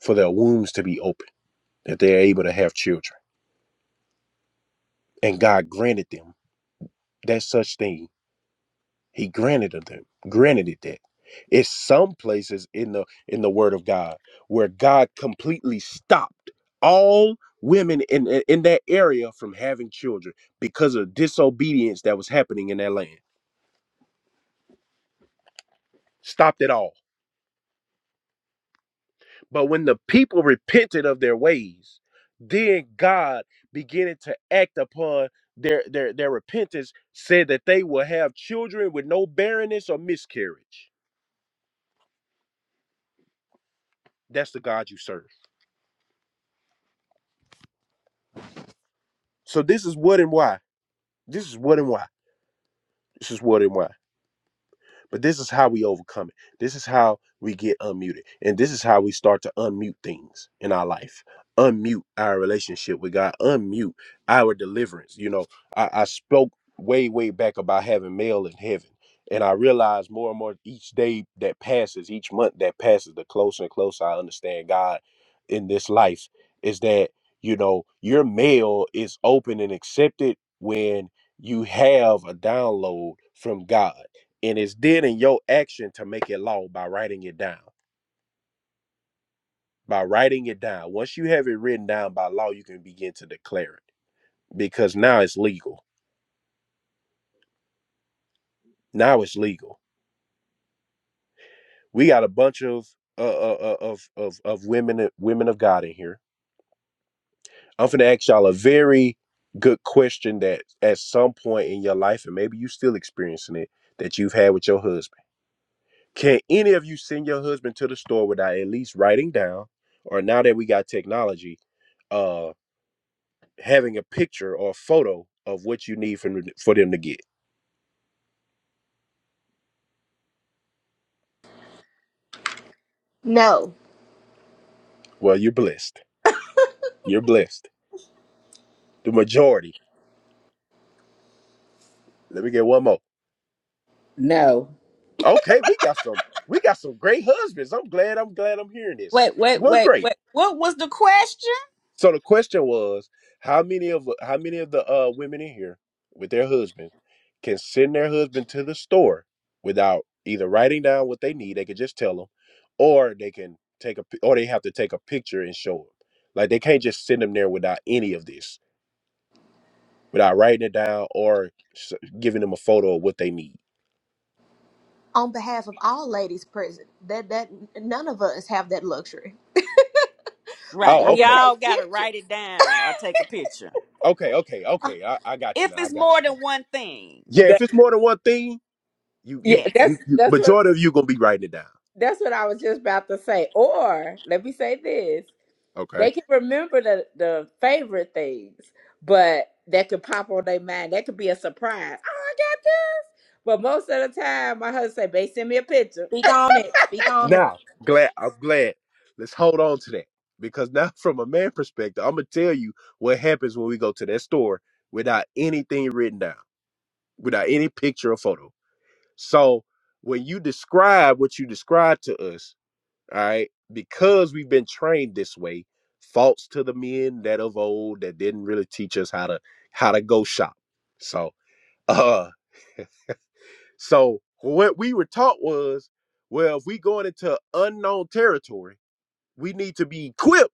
[SPEAKER 2] for their wombs to be open that they are able to have children and god granted them that such thing He granted of them, granted it that. It's some places in the in the Word of God where God completely stopped all women in in in that area from having children because of disobedience that was happening in that land. Stopped it all. But when the people repented of their ways, then God beginning to act upon their their their repentance, said that they will have children with no barrenness or miscarriage. That's the God you serve. So this is what and why. This is what and why. This is what and why. But this is how we overcome it. This is how we get unmuted. And this is how we start to unmute things in our life. Unmute our relationship with God. Unmute our deliverance. You know, I, I spoke way, way back about having mail in heaven. And I realized more and more each day that passes, each month that passes, the closer and closer I understand God in this life is that, you know, your mail is open and accepted when you have a download from God and it's then in your action to make it law by writing it down. By writing it down, once you have it written down by law, you can begin to declare it because now it's legal. Now it's legal. We got a bunch of uh, uh, uh, of of of women women of God in here. I'm gonna ask y'all a very good question that at some point in your life, and maybe you still experiencing it, that you've had with your husband. Can any of you send your husband to the store without at least writing down, or now that we got technology? uh. having a picture or a photo of what you need from, for them to get.
[SPEAKER 1] No,
[SPEAKER 2] Well, you're blessed. You're blessed. The majority. Let me get one more.
[SPEAKER 5] No.
[SPEAKER 2] Okay, we got some. We got some great husbands. I'm glad. I'm glad. I'm hearing this.
[SPEAKER 3] Wait, wait,
[SPEAKER 2] Well,
[SPEAKER 3] wait,
[SPEAKER 2] great.
[SPEAKER 3] wait. What was the question?
[SPEAKER 2] So the question was, how many of how many of the uh, women in here with their husbands can send their husband to the store without either writing down what they need? They could just tell them, or they can take a or they have to take a picture and show them. Like they can't just send them there without any of this without writing it down or s- giving them a photo of what they need.
[SPEAKER 1] on behalf of all ladies present, that that none of us have that luxury. We
[SPEAKER 3] Right.
[SPEAKER 2] Oh,
[SPEAKER 1] got
[SPEAKER 3] We
[SPEAKER 1] to
[SPEAKER 2] okay,
[SPEAKER 3] all
[SPEAKER 1] take
[SPEAKER 3] got to
[SPEAKER 1] pictures.
[SPEAKER 3] write it down or take a picture.
[SPEAKER 2] okay, okay, okay. I, I got you
[SPEAKER 3] If
[SPEAKER 2] now. I
[SPEAKER 3] it's
[SPEAKER 2] got
[SPEAKER 3] more
[SPEAKER 2] you
[SPEAKER 3] than
[SPEAKER 2] now.
[SPEAKER 3] one thing.
[SPEAKER 2] Yeah, if
[SPEAKER 5] That,
[SPEAKER 2] it's more than one thing, you
[SPEAKER 5] yeah,
[SPEAKER 2] you
[SPEAKER 3] Yes.
[SPEAKER 5] that's
[SPEAKER 2] you, you
[SPEAKER 5] that's what
[SPEAKER 2] majority of you gonna be writing it down.
[SPEAKER 5] that's what I was just about to say. Or let me say this:
[SPEAKER 2] Okay.
[SPEAKER 5] they can remember the the favorite things, but that could pop on their mind. That could be a surprise. Oh, I got that. But most of the time, my husband say, "Babe, send me a picture."
[SPEAKER 1] Speak on it. Speak on it.
[SPEAKER 2] Now, glad I'm glad. Let's hold on to that because now, from a man perspective, I'm gonna tell you what happens when we go to that store without anything written down, without any picture or photo. So when you describe what you describe to us all right because we've been trained this way faults to the men that of old that didn't really teach us how to how to go shop so uh so what we were taught was well if we going into unknown territory we need to be equipped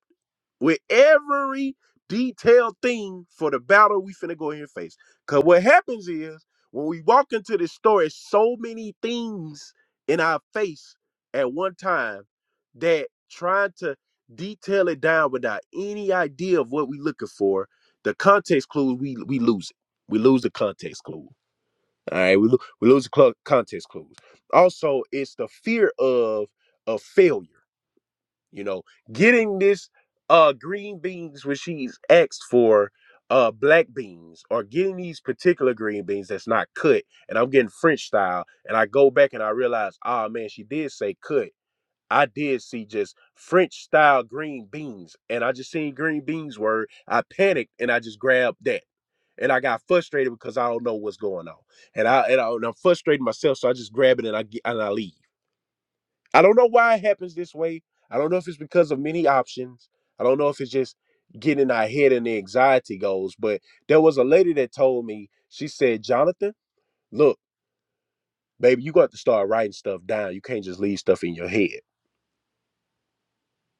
[SPEAKER 2] with every detailed thing for the battle we finna go ahead and face. Cause what happens is when we walk into this story, so many things in our face at one time that trying to detail it down without any idea of what we looking for, the context clue we we lose it. We lose the context clue. All right, we, lo- we lose the cl- context clues. Also, it's the fear of of failure you know getting this uh green beans when she's asked for uh black beans or getting these particular green beans that's not cut and i'm getting french style and i go back and i realize oh man she did say cut i did see just french style green beans and i just seen green beans word i panicked and i just grabbed that and i got frustrated because i don't know what's going on and i and, I, and i'm frustrating myself so i just grab it and i get and i leave I don't know why it happens this way. I don't know if it's because of many options. I don't know if it's just getting in our head and the anxiety goes. But there was a lady that told me, she said, Jonathan, look, baby, you got to start writing stuff down. You can't just leave stuff in your head.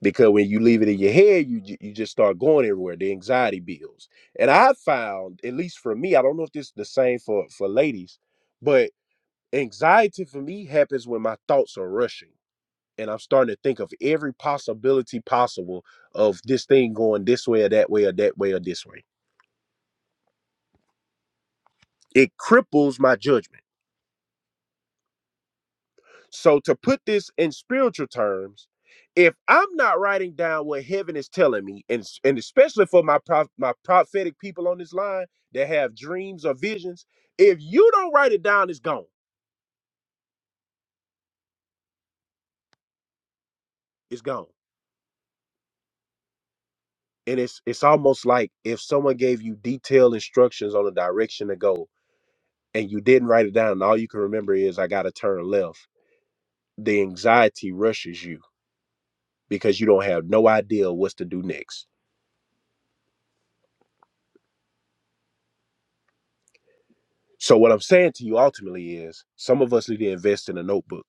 [SPEAKER 2] Because when you leave it in your head, you you just start going everywhere. The anxiety builds, and I found, at least for me, I don't know if this is the same for for ladies, but anxiety for me happens when my thoughts are rushing and I'm starting to think of every possibility possible of this thing going this way or that way or that way or this way. It cripples my judgment. So to put this in spiritual terms, if I'm not writing down what heaven is telling me, and and especially for my prof, my prophetic people on this line that have dreams or visions, if you don't write it down, it's gone. It's gone. And it's it's almost like if someone gave you detailed instructions on a direction to go, and you didn't write it down, and all you can remember is I got to turn left the anxiety rushes you because you don't have no idea what's to do next. So what I'm saying to you ultimately is some of us need to invest in a notebook.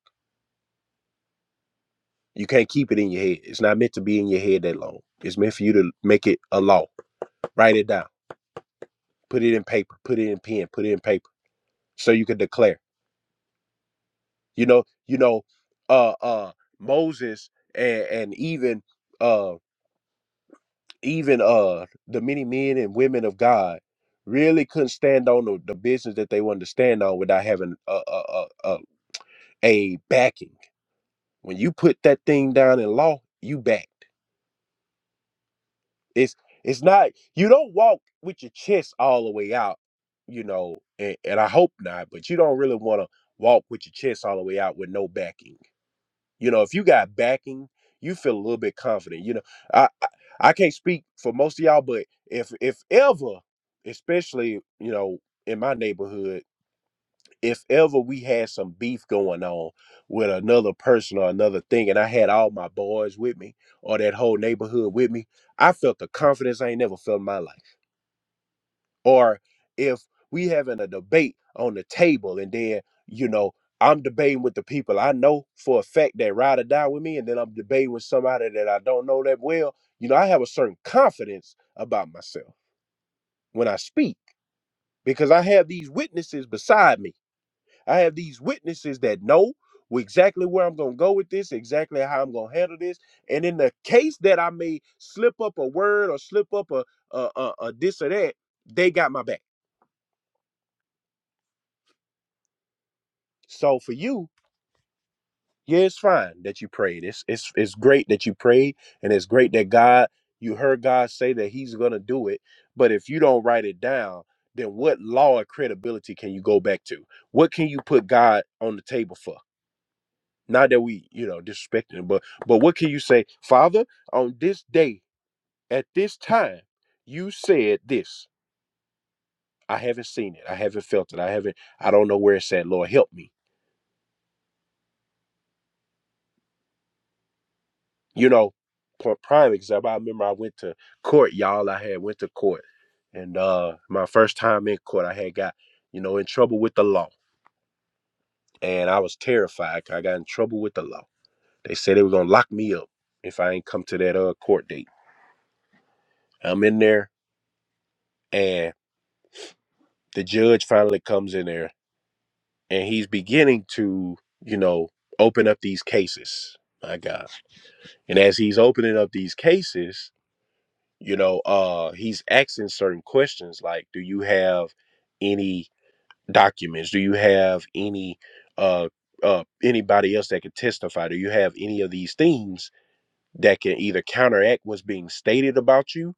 [SPEAKER 2] You can't keep it in your head. It's not meant to be in your head that long. It's meant for you to make it a law. Write it down. Put it in paper. Put it in pen. Put it in paper. So you can declare. You know, you know, uh uh Moses and and even uh. even uh the many men and women of God really couldn't stand on the, the business that they wanted to stand on without having a a, a a a backing. When you put that thing down in law, you backed. It's it's not you don't walk with your chest all the way out, you know, and, and I hope not, but you don't really want to walk with your chest all the way out with no backing You know, if you got backing, you feel a little bit confident. You know, I I, I can't speak for most of y'all, but if if ever, especially you know in my neighborhood, if ever we had some beef going on with another person or another thing, and I had all my boys with me or that whole neighborhood with me, I felt the confidence I ain't never felt in my life or if we having a debate on the table and then you know i'm debating with the people i know for a fact that ride or die with me and then i'm debating with somebody that i don't know that well you know i have a certain confidence about myself when i speak because i have these witnesses beside me i have these witnesses that know wh- exactly where i'm going to go with this exactly how i'm going to handle this and in the case that i may slip up a word or slip up a, a, a, a this or that they got my back so for you Yeah, it's fine that you prayed. It's it's it's great that you prayed, and it's great that God you heard God say that He's gonna do it. But if you don't write it down, then what law of credibility can you go back to? What can you put God on the table for? Not that we, you know, disrespecting him, but but what can you say, Father, on this day, at this time, you said this. I haven't seen it. I haven't felt it. I haven't, I don't know where it's at. Lord, help me. you know, for prime example, I remember I went to court, y'all. I had went to court, and uh my first time in court, I had got, you know, in trouble with the law, and I was terrified. 'cause I got in trouble with the law. They said they were gonna lock me up if I ain't come to that uh court date. I'm in there, and the judge finally comes in there, and he's beginning to, you know, open up these cases. My God! And as he's opening up these cases, you know uh he's asking certain questions like do you have any documents do you have any uh uh anybody else that can testify do you have any of these things that can either counteract what's being stated about you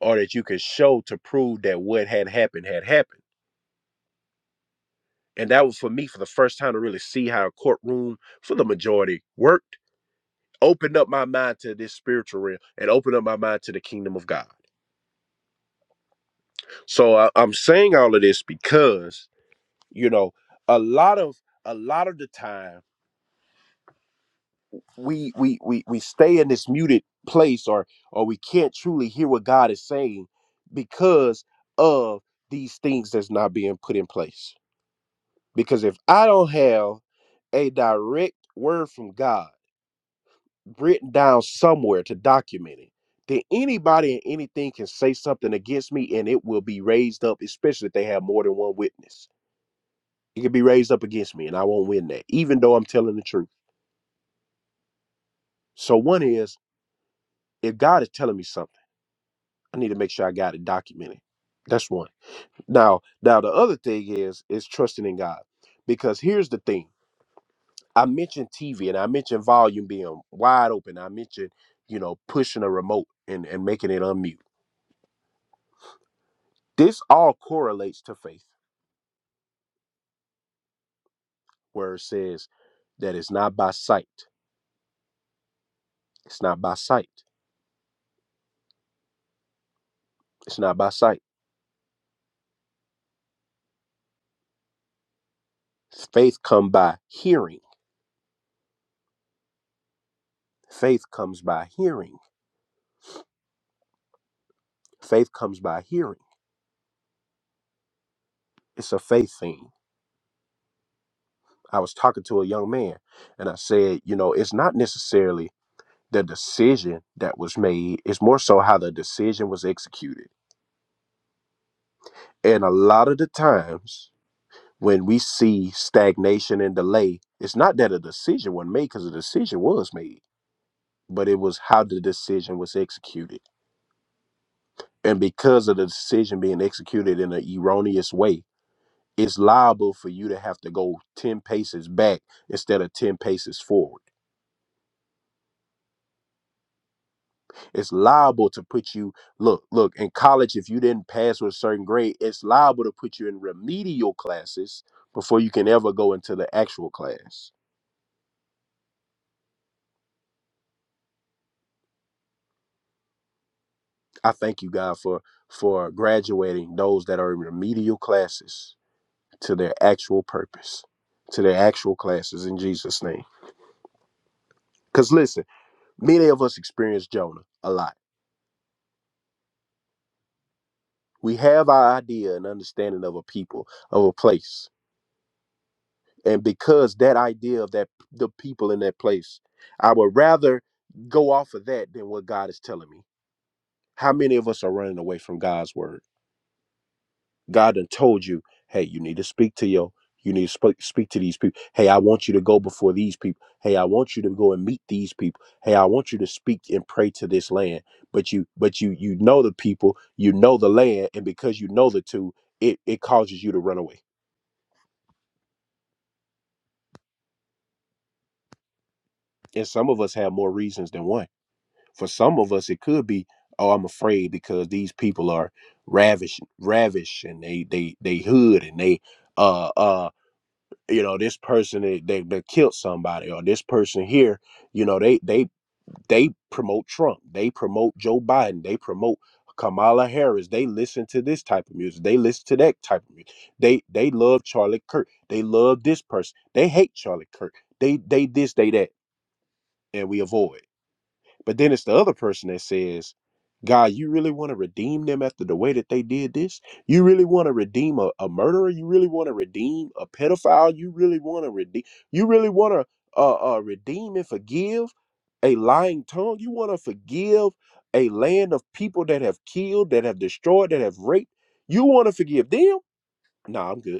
[SPEAKER 2] or that you can show to prove that what had happened had happened and that was for me for the first time to really see how a courtroom for the majority worked opened up my mind to this spiritual realm and opened up my mind to the kingdom of god so I, i'm saying all of this because you know a lot of a lot of the time we we we, we stay in this muted place or or we can't truly hear what god is saying because of these things that's not being put in place because if i don't have a direct word from god written down somewhere to document it then anybody and anything can say something against me and it will be raised up especially if they have more than one witness it can be raised up against me and i won't win that even though i'm telling the truth So one is if God is telling me something, I need to make sure I got it documented. That's one. Now, now the other thing is is trusting in God. Because here's the thing. I mentioned TV and I mentioned volume being wide open. I mentioned, you know, pushing a remote and, and making it unmute. This all correlates to faith, where it says that it's not by sight. It's not by sight. It's not by sight. Faith come by hearing. Faith comes by hearing. Faith comes by hearing. It's a faith thing I was talking to a young man and I said, you know, it's not necessarily the decision that was made, it's more so how the decision was executed. And a lot of the times when we see stagnation and delay, it's not that a decision was made because a decision was made, but it was how the decision was executed. And because of the decision being executed in an erroneous way, it's liable for you to have to go 10 paces back instead of 10 paces forward It's liable to put you look, look, in college, if you didn't pass with a certain grade, it's liable to put you in remedial classes before you can ever go into the actual class. I thank you, God, for for graduating those that are in remedial classes to their actual purpose, to their actual classes in Jesus' name. Because listen, many of us experience Jonah a lot. We have our idea and understanding of a people, of a place. and because that idea of that the people in that place i would rather go off of that than what god is telling me how many of us are running away from god's word god done told you hey you need to speak to your you need to speak, speak to these people hey i want you to go before these people hey i want you to go and meet these people hey i want you to speak and pray to this land but you but you you know the people you know the land and because you know the two it it causes you to run away and some of us have more reasons than one For some of us, it could be, oh, I'm afraid because these people are ravish, ravish, and they they they hood, and they uh uh you know this person they, they they killed somebody or this person here you know they they they promote trump they promote joe biden they promote kamala harris they listen to this type of music they listen to that type of music they they love charlie kirk they love this person they hate charlie kirk they they this they that and we avoid but then it's the other person that says, God, you really want to redeem them after the way that they did this? You really want to redeem a, a murderer? You really want to redeem a pedophile? You really want to redeem? You really want to uh, uh, redeem and forgive a lying tongue? You want to forgive a land of people that have killed, that have destroyed, that have raped? You want to forgive them? Nah, I'm good.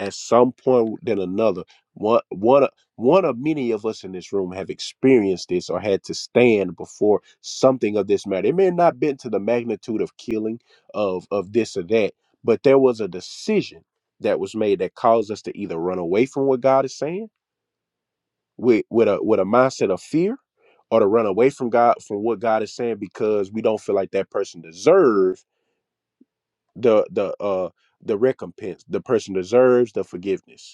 [SPEAKER 2] at some point than another one one of- one of many of us in this room have experienced this or had to stand before something of this matter it may not been to the magnitude of killing of of this or that but there was a decision that was made that caused us to either run away from what god is saying with with a with a mindset of fear or to run away from god from what god is saying because we don't feel like that person deserves the the uh the recompense the person deserves the forgiveness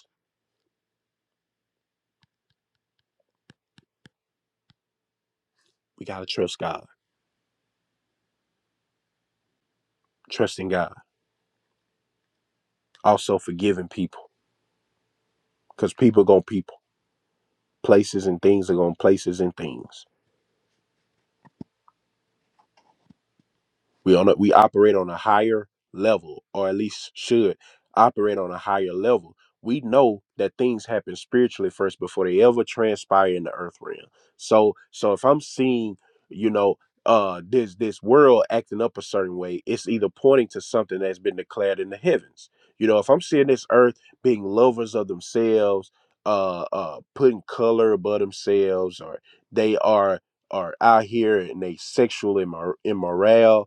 [SPEAKER 2] we got to trust god trusting God, also forgiving people because people are going to people, places and things are going places and things. We on a, we operate on a higher level, or at least should operate on a higher level. We know that things happen spiritually first before they ever transpire in the earth realm. So so if I'm seeing, you know, uh this this world acting up a certain way, it's either pointing to something that's been declared in the heavens. You know, if I'm seeing this earth being lovers of themselves, uh uh putting color above themselves, or they are are out here and they sexual immor- immoral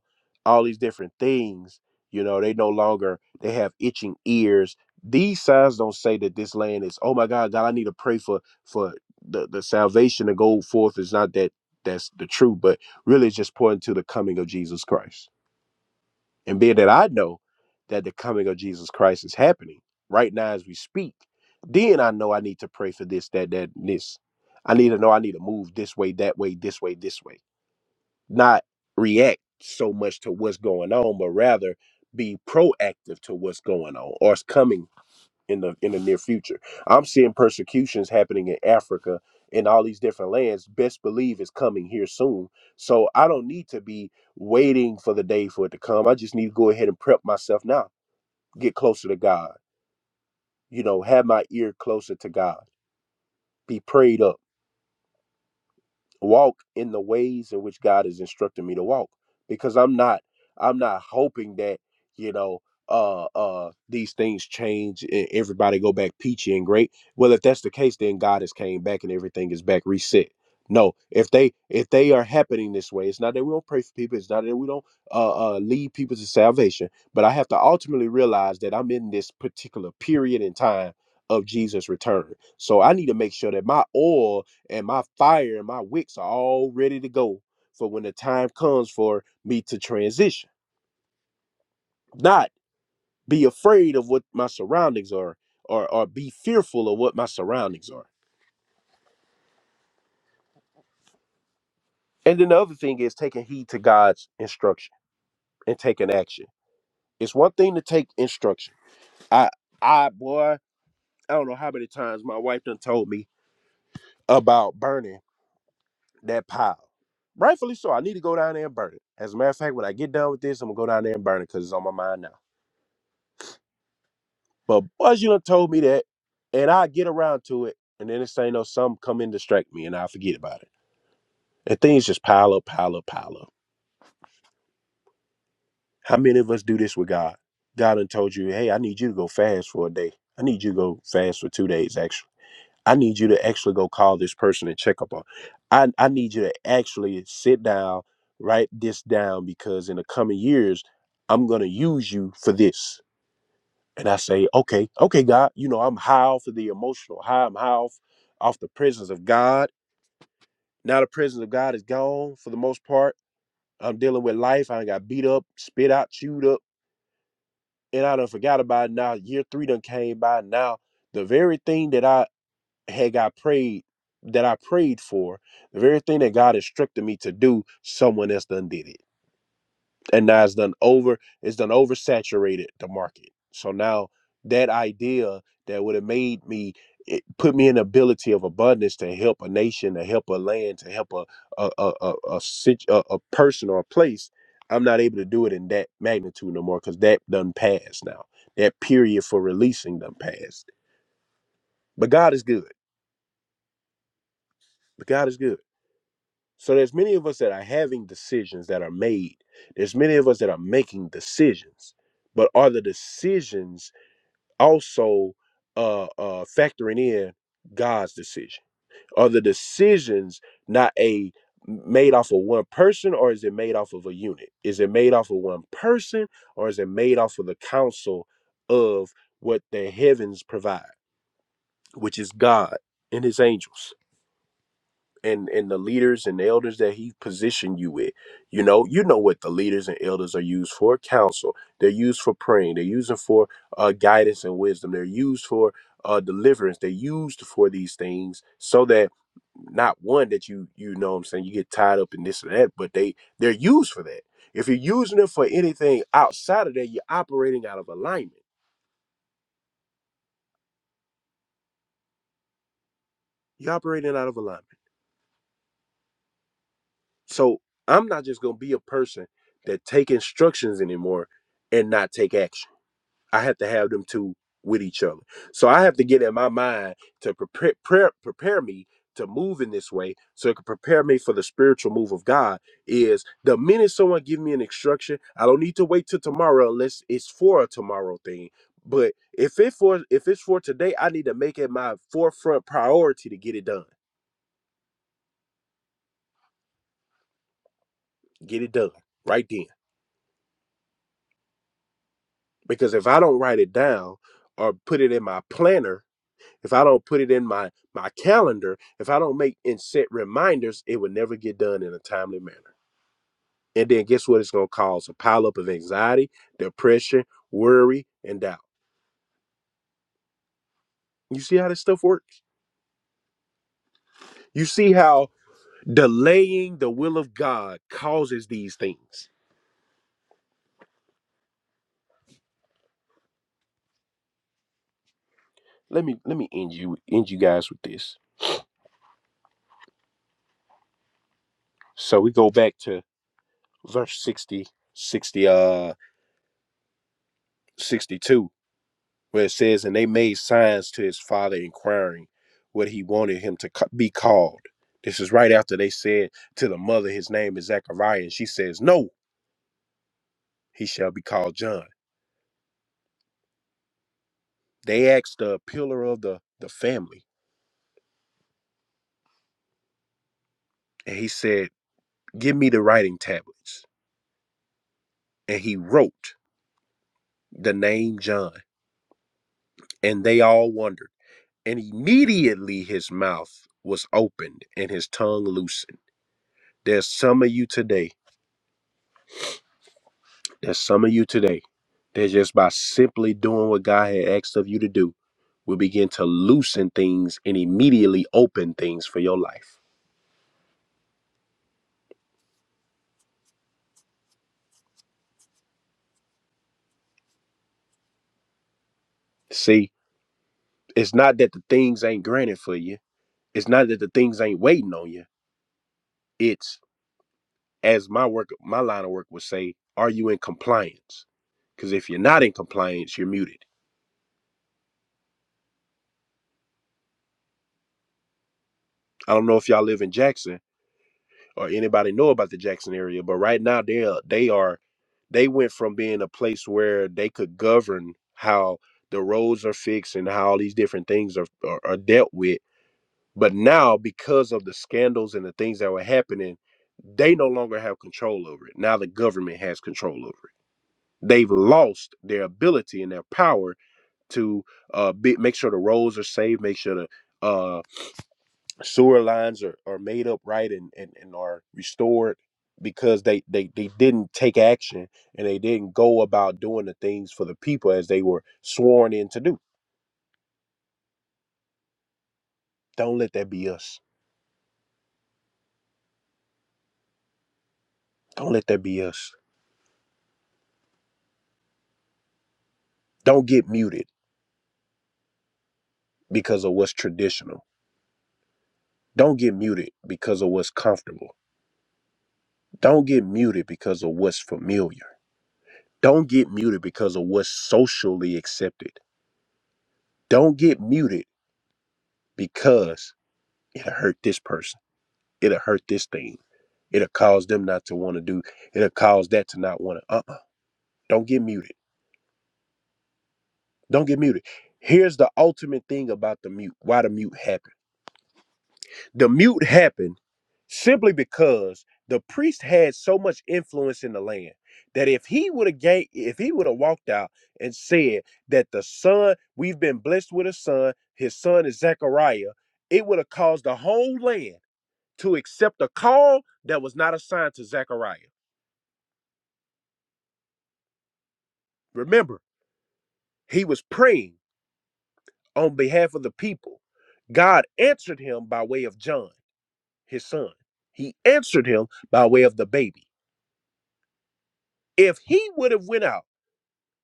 [SPEAKER 2] all these different things. You know, they no longer they have itching ears. These signs don't say that this land is, oh my God, God, I need to pray for for the, the salvation to go forth is not that that's the truth, but really it's just pointing to the coming of Jesus Christ. And being that I know that the coming of Jesus Christ is happening right now as we speak, then I know I need to pray for this, that, that, and this. I need to know I need to move this way, that way, this way, this way not react so much to what's going on, but rather be proactive to what's going on or is coming in the in the near future. I'm seeing persecutions happening in Africa and all these different lands. Best believe it's coming here soon. So I don't need to be waiting for the day for it to come. I just need to go ahead and prep myself now. Get closer to God. You know, have my ear closer to God. Be prayed up walk in the ways in which God is instructing me to walk because I'm not I'm not hoping that you know uh uh these things change and everybody go back peachy and great well if that's the case then God has came back and everything is back reset no if they if they are happening this way it's not that we don't pray for people it's not that we don't uh, uh lead people to salvation but I have to ultimately realize that I'm in this particular period in time of Jesus return so I need to make sure that my oil and my fire and my wicks are all ready to go for when the time comes for me to transition. Not be afraid of what my surroundings are or, or be fearful of what my surroundings are. And then the other thing is taking heed to God's instruction and taking action. It's one thing to take instruction. I I boy, I don't know how many times my wife done told me about burning that pile. Rightfully so. I need to go down there and burn it. As a matter of fact, when I get done with this, I'm gonna go down there and burn it because it's on my mind now. But boys, you done told me that, and I get around to it, and then it's ain't no some come in distract me, and I forget about it, and things just pile up, pile up, pile up. How many of us do this with God? God done told you, hey, I need you to go fast for a day. I need you to go fast for two days, actually. I need you to actually go call this person and check up on. I I need you to actually sit down, write this down, because in the coming years, I'm gonna use you for this. and I say, okay, okay, God, you know, I'm high off of the emotional, high, I'm high off, off the presence of God. Now the presence of God is gone for the most part. I'm dealing with life. I done got beat up, spit out, chewed up, and I done forgot about it. Now year three done came by. Now the very thing that I had got prayed, that I prayed for, the very thing that God instructed me to do, someone else done did it. and now it's done over it's done oversaturated the market so now that idea that would have made me it put me in the ability of abundance to help a nation to help a land to help a a a a, a, sit- a, a person or a place i'm not able to do it in that magnitude no more because that done passed now that period for releasing done passed but god is good but god is good So there's many of us that are having decisions that are made. There's many of us that are making decisions, but are the decisions also uh, uh, factoring in God's decision? Are the decisions not a made off of one person, or is it made off of a unit? Is it made off of one person, or is it made off of the counsel of what the heavens provide, which is God and His angels? and and the leaders and the elders that he positioned you with you know you know what the leaders and elders are used for counsel they're used for praying they're using for uh, guidance and wisdom they're used for uh, deliverance they're used for these things so that not one that you you know what i'm saying you get tied up in this or that but they they're used for that if you're using them for anything outside of that you're operating out of alignment you're operating out of alignment So I'm not just gonna be a person that take instructions anymore and not take action. I have to have them two with each other. So I have to get in my mind to prepare prepare, prepare me to move in this way so it can prepare me for the spiritual move of God is the minute someone give me an instruction, I don't need to wait till tomorrow unless it's for a tomorrow thing. But if it for if it's for today, I need to make it my forefront priority to get it done. Get it done right then because if I don't write it down or put it in my planner, if I don't put it in my my calendar, if I don't make and set reminders, it will never get done in a timely manner. And then guess what? It's gonna cause a pileup of anxiety, depression, worry, and doubt. You see how this stuff works? You see how delaying the will of God causes these things. Let me let me end you end you guys with this. So we go back to verse 60 60 uh 62 where it says, And they made signs to his father, inquiring what he wanted him to be called. This is right after they said to the mother, His name is Zachariah. And she says, No, he shall be called John. They asked the pillar of the, the family, and he said, Give me the writing tablets. And he wrote the name John. And they all wondered. And immediately his mouth was opened and his tongue loosened. There's some of you today. There's some of you today that just by simply doing what God had asked of you to do will begin to loosen things and immediately open things for your life. See, it's not that the things ain't granted for you. It's not that the things ain't waiting on you. It's as my work my line of work would say, are you in compliance? Because if you're not in compliance, you're muted. I don't know if y'all live in Jackson, or anybody know about the Jackson area, but right now they are, they are they went from being a place where they could govern how the roads are fixed and how all these different things are, are, are dealt with. But now, because of the scandals and the things that were happening, they no longer have control over it. Now the government has control over it. They've lost their ability and their power to uh, be, make sure the roads are safe, make sure the uh sewer lines are, are made up right and, and, and are restored because they, they, they didn't take action and they didn't go about doing the things for the people as they were sworn in to do. Don't let that be us. Don't let that be us. Don't get muted because of what's traditional. Don't get muted because of what's comfortable. Don't get muted because of what's familiar. Don't get muted because of what's socially accepted. Don't get muted because it'll hurt this person. It'll hurt this thing It'll cause them not to want to do. It'll cause that to not want to. Uh uh do not get muted. Don't get muted. Here's the ultimate thing about the mute. Why the mute happened? The mute happened simply because the priest had so much influence in the land that if he would have gave, if he would have walked out and said that the son, we've been blessed with a son, his son is Zechariah, it would have caused the whole land to accept a call that was not assigned to Zechariah. Remember, he was praying. on behalf of the people. God answered him by way of John, his son. He answered him by way of the baby. If he would have went out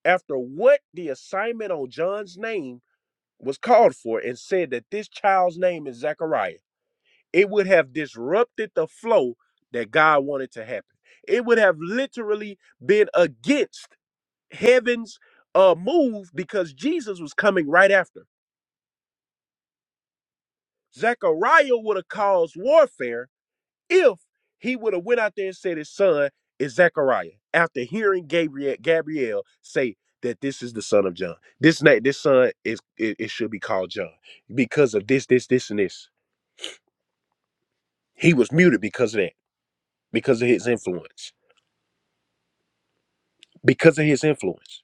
[SPEAKER 2] after what the assignment on John's name was called for and said that this child's name is Zechariah, it would have disrupted the flow that God wanted to happen. It would have literally been against heaven's uh, move because Jesus was coming right after. Zechariah would have caused warfare if he would have went out there and said his son is Zechariah after hearing Gabriel Gabriel say that this is the son of John. This name, this son is it, it should be called John because of this, this, this, and this. He was muted because of that, because of his influence, because of his influence.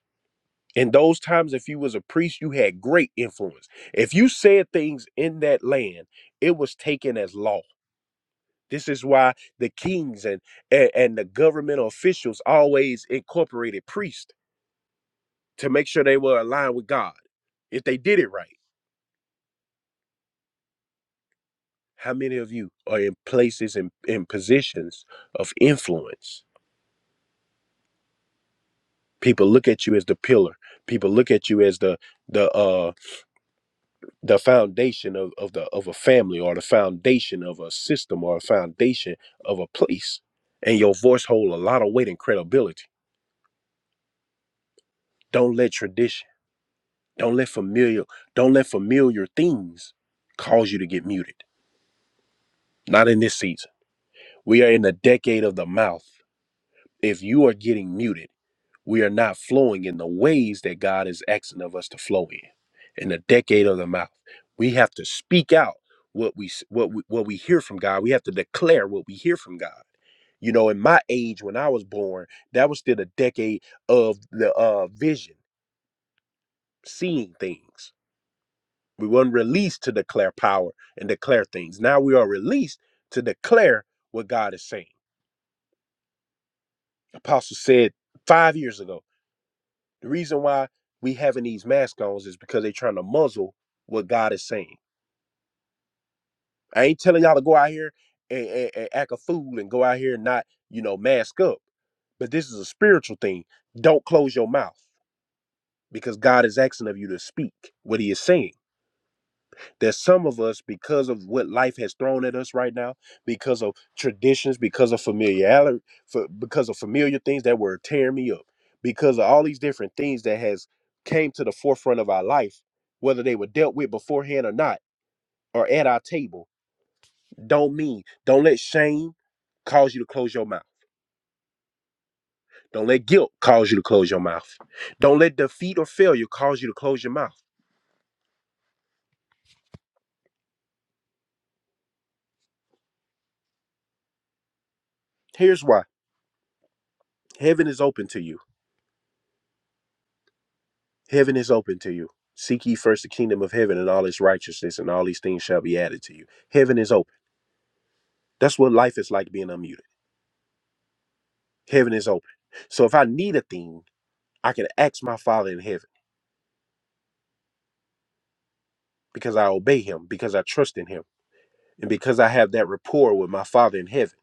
[SPEAKER 2] In those times, if you was a priest, you had great influence. If you said things in that land, it was taken as law. This is why the kings and and, and the governmental officials always incorporated priests to make sure they were aligned with God if they did it right. How many of you are in places and in in positions of influence? People look at you as the pillar. People look at you as the the uh the foundation of, of the of a family or the foundation of a system or a foundation of a place. And your voice hold a lot of weight and credibility. Don't let tradition, don't let familiar, don't let familiar things cause you to get muted. Not in this season. We are in the decade of the mouth. If you are getting muted, we are not flowing in the ways that God is asking of us to flow in. In the decade of the mouth, we have to speak out what we s- what we, what we hear from God. We have to declare what we hear from God. You know, in my age when I was born, that was still the decade of the uh, vision, seeing things. We weren't released to declare power and declare things. Now we are released to declare what God is saying. Apostle said five years ago. The reason why we having these masks on is because they are trying to muzzle what God is saying. I ain't telling y'all to go out here and, and, and act a fool and go out here and not, you know, mask up. But this is a spiritual thing. Don't close your mouth because God is asking of you to speak what he is saying. that some of us, because of what life has thrown at us right now, because of traditions, because of familiarity, for, because of familiar things that were tearing me up, because of all these different things that has came to the forefront of our life, whether they were dealt with beforehand or not, or at our table, don't mean, don't let shame cause you to close your mouth. Don't let guilt cause you to close your mouth. Don't let defeat or failure cause you to close your mouth. Here's why. Heaven is open to you. Heaven is open to you. Seek ye first the kingdom of heaven and all its righteousness, and all these things shall be added to you. Heaven is open. That's what life is like being unmuted. Heaven is open. So if I need a thing, I can ask my Father in heaven because I obey him, because I trust in him, and because I have that rapport with my Father in heaven.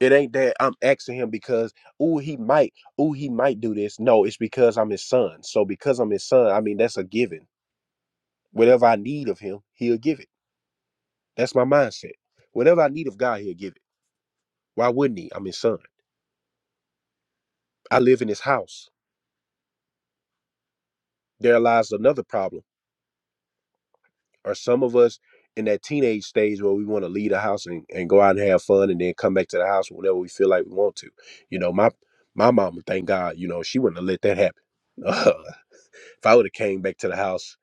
[SPEAKER 2] It ain't that I'm asking him because, ooh, he might, ooh, he might do this. No, it's because I'm his son. So because I'm his son, I mean, that's a given. Whatever I need of him, he'll give it. That's my mindset. Whatever I need of God, he'll give it. Why wouldn't he? I'm his son. I live in his house. There lies another problem. Are some of us in that teenage stage where we want to leave the house and, and go out and have fun and then come back to the house whenever we feel like we want to? You know, my my mama, thank God, you know, she wouldn't have let that happen. if I would have came back to the house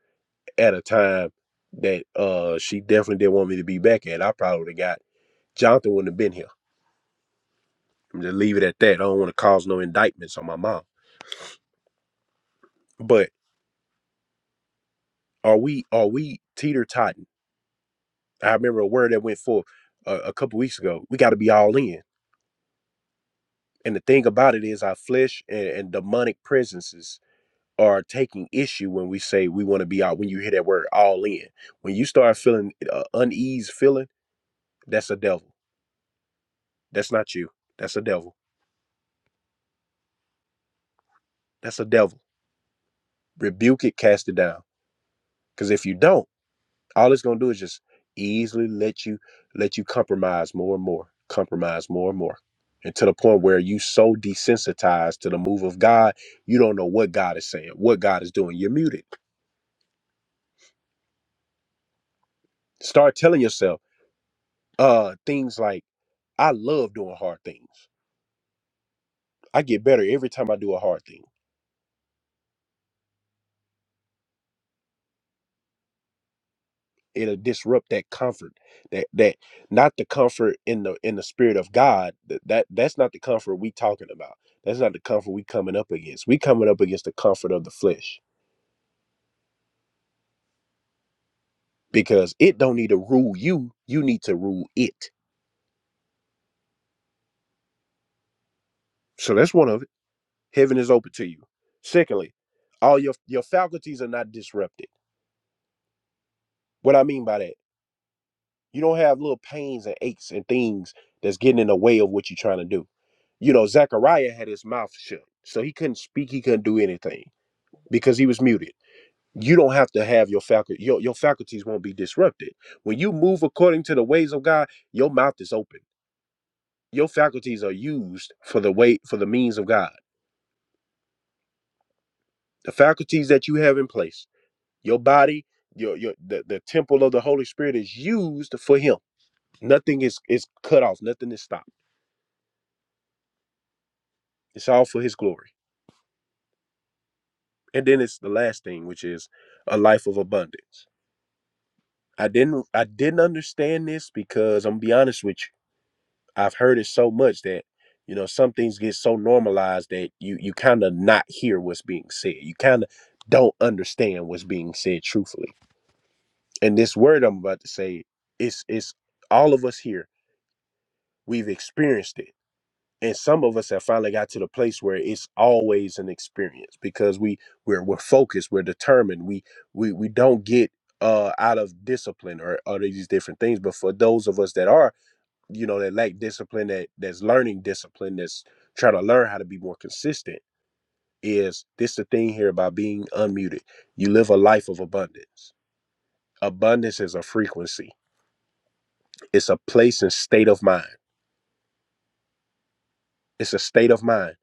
[SPEAKER 2] at a time that uh she definitely didn't want me to be back at, I probably would have got Jonathan wouldn't have been here. I'm just leave it at that. I don't want to cause no indictments on my mom. But are we are we teeter totting? I remember a word that went forth a, a couple weeks ago. We got to be all in. And the thing about it is, our flesh and, and demonic presences are taking issue when we say we want to be out. When you hear that word all in, when you start feeling uh, unease, feeling that's a devil. That's not you. That's a devil. That's a devil. Rebuke it, cast it down. Because if you don't, all it's going to do is just easily let you let you compromise more and more compromise more and more and to the point where you so desensitized to the move of god you don't know what god is saying what god is doing you're muted start telling yourself uh things like i love doing hard things i get better every time i do a hard thing it'll disrupt that comfort that that not the comfort in the in the spirit of god that, that that's not the comfort we talking about that's not the comfort we coming up against we coming up against the comfort of the flesh because it don't need to rule you. You need to rule it. So that's one of it. Heaven is open to you. Secondly, all your your faculties are not disrupted. What I mean by that, you don't have little pains and aches and things that's getting in the way of what you're trying to do. You know, Zechariah had his mouth shut, so he couldn't speak. He couldn't do anything because he was muted. You don't have to have your faculty. Your, your faculties won't be disrupted when you move according to the ways of God. Your mouth is open. Your faculties are used for the way for the means of God the faculties that you have in place your body your your the, the temple of the holy spirit is used for him nothing is is cut off nothing is stopped it's all for his glory and then it's the last thing which is a life of abundance i didn't i didn't understand this because i'm gonna be honest with you i've heard it so much that you know some things get so normalized that you you kind of not hear what's being said you kind of don't understand what's being said truthfully and this word i'm about to say it's it's all of us here We've experienced it. And some of us have finally got to the place where it's always an experience because we we're we're focused, we're determined, we we we don't get uh out of discipline or, or these different things. But for those of us that are, you know, that lack discipline, that that's learning discipline, that's trying to learn how to be more consistent, is this the thing here about being unmuted. You live a life of abundance. Abundance is a frequency. It's a place and state of mind. It's a state of mind.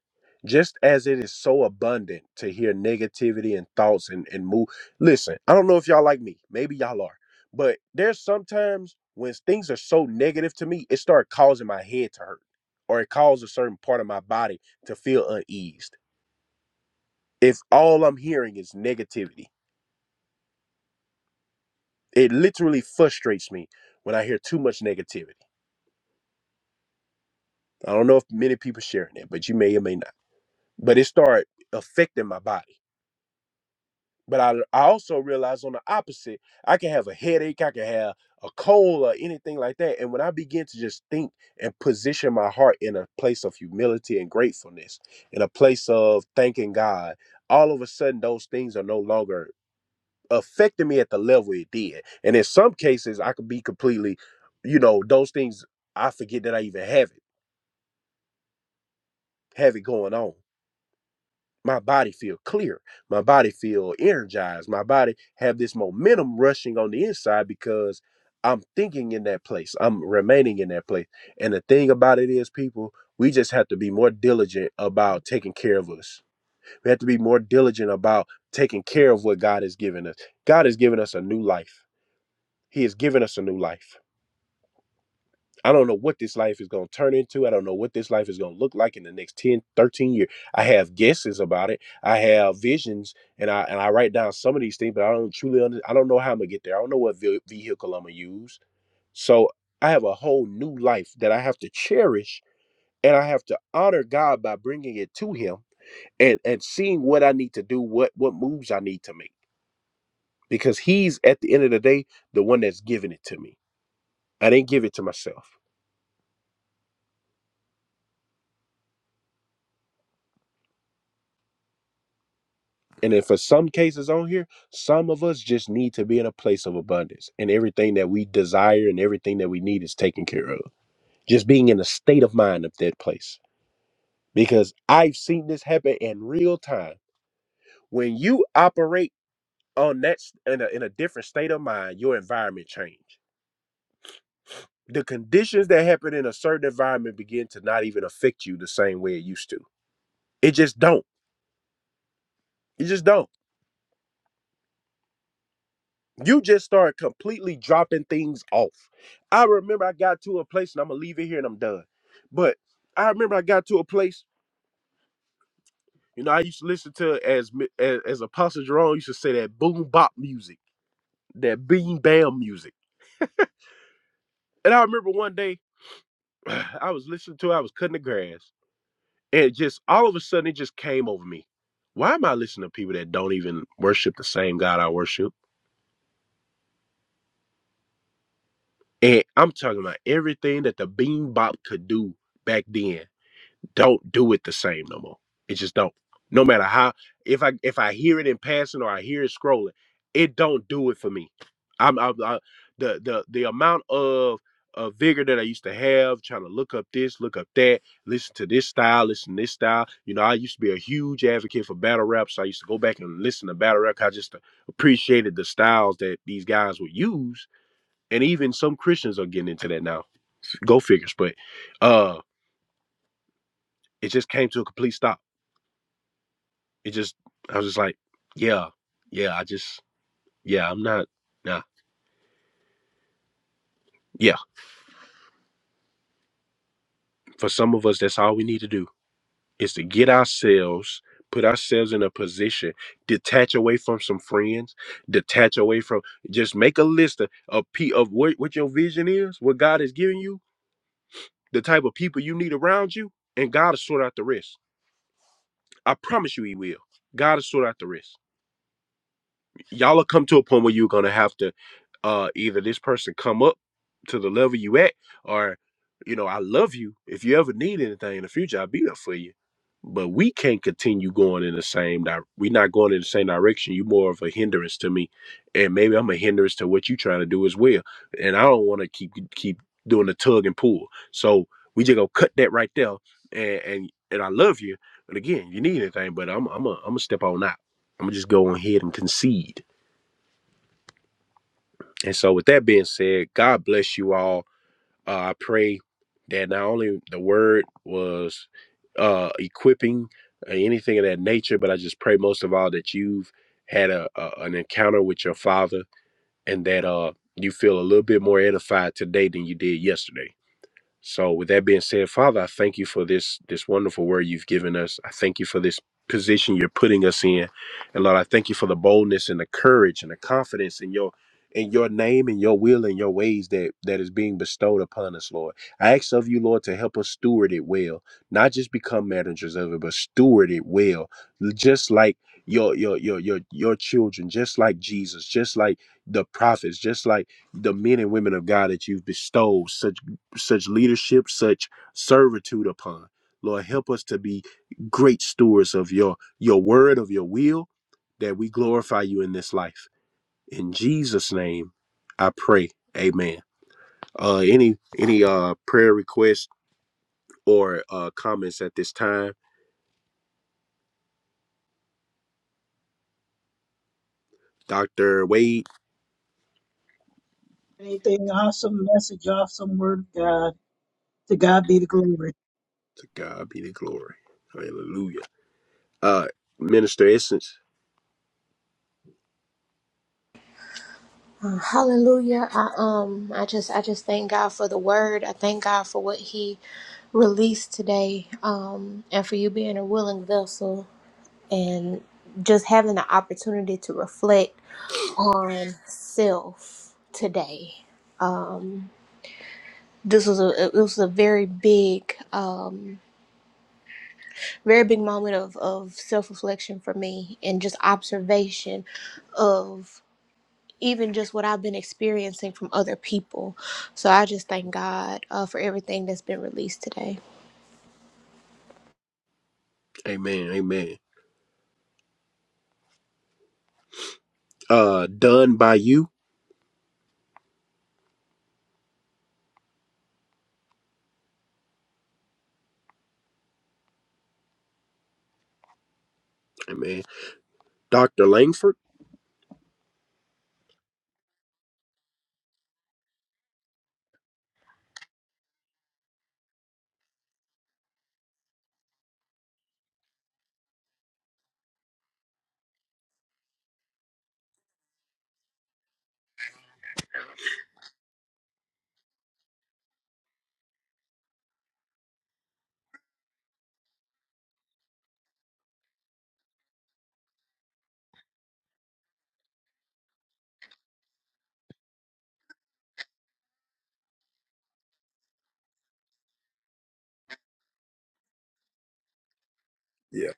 [SPEAKER 2] Just as it is so abundant to hear negativity and thoughts and, and move. Listen, I don't know if y'all like me. Maybe y'all are. But there's sometimes when things are so negative to me, it starts causing my head to hurt or it causes a certain part of my body to feel uneased. If all I'm hearing is negativity, it literally frustrates me when I hear too much negativity. I don't know if many people sharing that, but you may or may not. But it started affecting my body. But I, I also realize on the opposite, I can have a headache, I can have a cold or anything like that. And when I begin to just think and position my heart in a place of humility and gratefulness, in a place of thanking God, all of a sudden those things are no longer affecting me at the level it did. And in some cases, I could be completely, you know, those things I forget that I even have it, have it going on. my body feel clear my body feel energized my body have this momentum rushing on the inside because i'm thinking in that place i'm remaining in that place and the thing about it is people we just have to be more diligent about taking care of us we have to be more diligent about taking care of what god has given us god has given us a new life he has given us a new life I don't know what this life is going to turn into. I don't know what this life is going to look like in the next 10, 13 years. I have guesses about it. I have visions and I and I write down some of these things, but I don't truly under, I don't know how I'm going to get there. I don't know what ve- vehicle I'm going to use. So I have a whole new life that I have to cherish and I have to honor God by bringing it to him and and seeing what I need to do, what what moves I need to make because he's at the end of the day the one that's giving it to me. I didn't give it to myself. And then for some cases on here, some of us just need to be in a place of abundance and everything that we desire and everything that we need is taken care of. Just being in a state of mind of that place. Because I've seen this happen in real time. When you operate on that s- in a, in a different state of mind, your environment change. The conditions that happen in a certain environment begin to not even affect you the same way it used to. It just don't. It just don't You just start completely dropping things off. I remember I got to a place, and I'm gonna leave it here and I'm done. But I remember I got to a place, you know, I used to listen to as mi- as, as Apostle Jerome used to say that boom bop music, that beam bam music. And I remember one day I was listening to, it, I was cutting the grass, and just all of a sudden it just came over me. Why am I listening to people that don't even worship the same God I worship? And I'm talking about everything that the beam bop could do back then don't do it the same no more. It just don't. No matter how if I if I hear it in passing or I hear it scrolling, it don't do it for me. I'm, I'm I, the the the amount of uh, vigor that I used to have trying to look up this, look up that, listen to this style, listen to this style. You know, I used to be a huge advocate for battle rap, so I used to go back and listen to battle rap. I just appreciated the styles that these guys would use, and even some Christians are getting into that now. Go figures, but uh, it just came to a complete stop it just I was just like, yeah, yeah, I just yeah, I'm not nah. Yeah. For some of us that's all we need to do is to get ourselves, put ourselves in a position, detach away from some friends, detach away from just make a list of, of pe- of what, what your vision is, what God has given you, the type of people you need around you, and God will sort out the rest. I promise you he will. God will sort out the rest y'all will come to a point where you're gonna have to uh either this person come up to the level you at or you know i love you if you ever need anything in the future i'll be there for you but we can't continue going in the same di- we're not going in the same direction you are more of a hindrance to me and maybe i'm a hindrance to what you're trying to do as well and i don't want to keep keep doing the tug and pull so we just gonna cut that right there and and, and i love you but again you need anything but i'm i'm gonna I'm step on out i'm gonna just go ahead and concede and so, with that being said, God bless you all. Uh, I pray that not only the word was uh, equipping uh, anything of that nature, but I just pray most of all that you've had a, a an encounter with your Father and that uh, you feel a little bit more edified today than you did yesterday. So with that being said, Father, I thank you for this this wonderful word you've given us. I thank you for this position you're putting us in. And Lord, I thank you for the boldness and the courage and the confidence in your in your name and your will and your ways that that is being bestowed upon us, Lord. I ask of you, Lord, to help us steward it well. Not just become managers of it, but steward it well. Just like your your your your your children, just like Jesus, just like the prophets, just like the men and women of God that you've bestowed such leadership, such servitude upon. Lord, help us to be great stewards of your your word, of your will, that we glorify you in this life. In Jesus' name, I pray. Amen. Uh, any any uh prayer requests or uh comments at this time, Doctor Wade.
[SPEAKER 4] Anything awesome, message, awesome word of God. To God be the glory.
[SPEAKER 2] To God be the glory. Hallelujah. Uh, Minister Essence.
[SPEAKER 1] Uh, hallelujah. I um I just I just thank God for the word. I thank God for what he released today. Um and for you being a willing vessel and just having the opportunity to reflect on self today. Um this was a it was a very big um very big moment of of self-reflection for me and just observation of. even just what I've been experiencing from other people. So I just thank God uh, for everything that's been released today.
[SPEAKER 2] Amen. Amen. Uh, done by you. Amen. Doctor Langford. Yeah.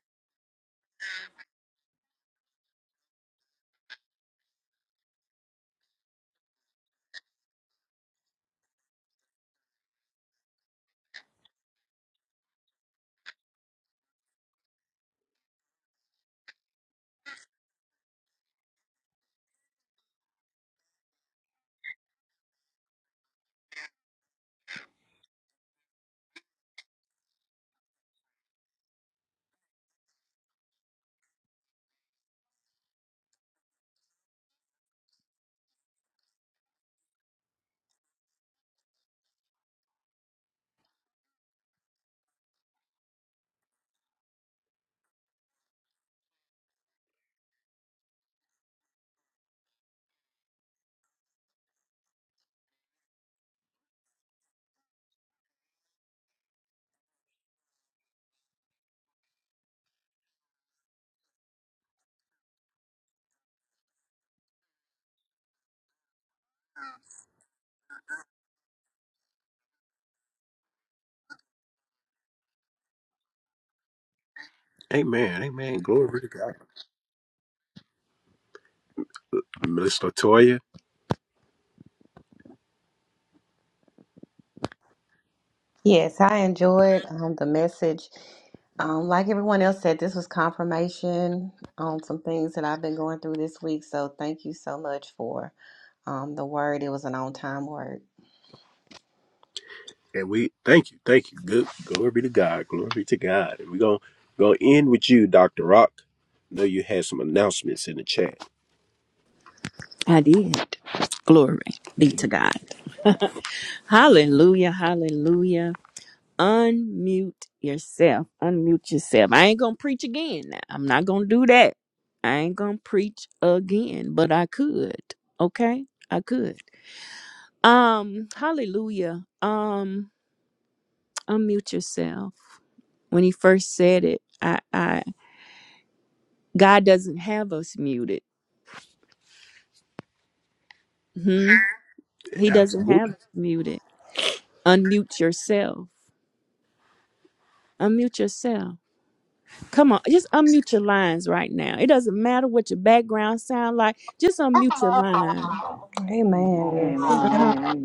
[SPEAKER 2] Amen. Amen. Glory to God. Miss Latoya,
[SPEAKER 6] Yes, I enjoyed um, the message. Um, like everyone else said, this was confirmation on some things that I've been going through this week. So thank you so much for um, the word. It was an on time word.
[SPEAKER 2] and we thank you, thank you. Good glory be to God, glory be to God. And we're gonna go end with you, Doctor Rock. I know you had some announcements in the chat.
[SPEAKER 3] I did. Glory be to God. Hallelujah. Hallelujah. Unmute yourself. Unmute yourself. I ain't going to preach again now. I'm not going to do that. I ain't going to preach again, but I could. Okay? I could. Um, hallelujah. Um, unmute yourself. When he first said it, I, I God doesn't have us muted. Hmm? He doesn't have
[SPEAKER 2] Absolutely.
[SPEAKER 3] us muted. Unmute yourself. Unmute yourself. Come on, just unmute your lines right now. It doesn't matter what your background sound like. Just unmute your line.
[SPEAKER 6] Amen.
[SPEAKER 5] Amen,
[SPEAKER 3] Uh huh.
[SPEAKER 5] amen,
[SPEAKER 6] Yes.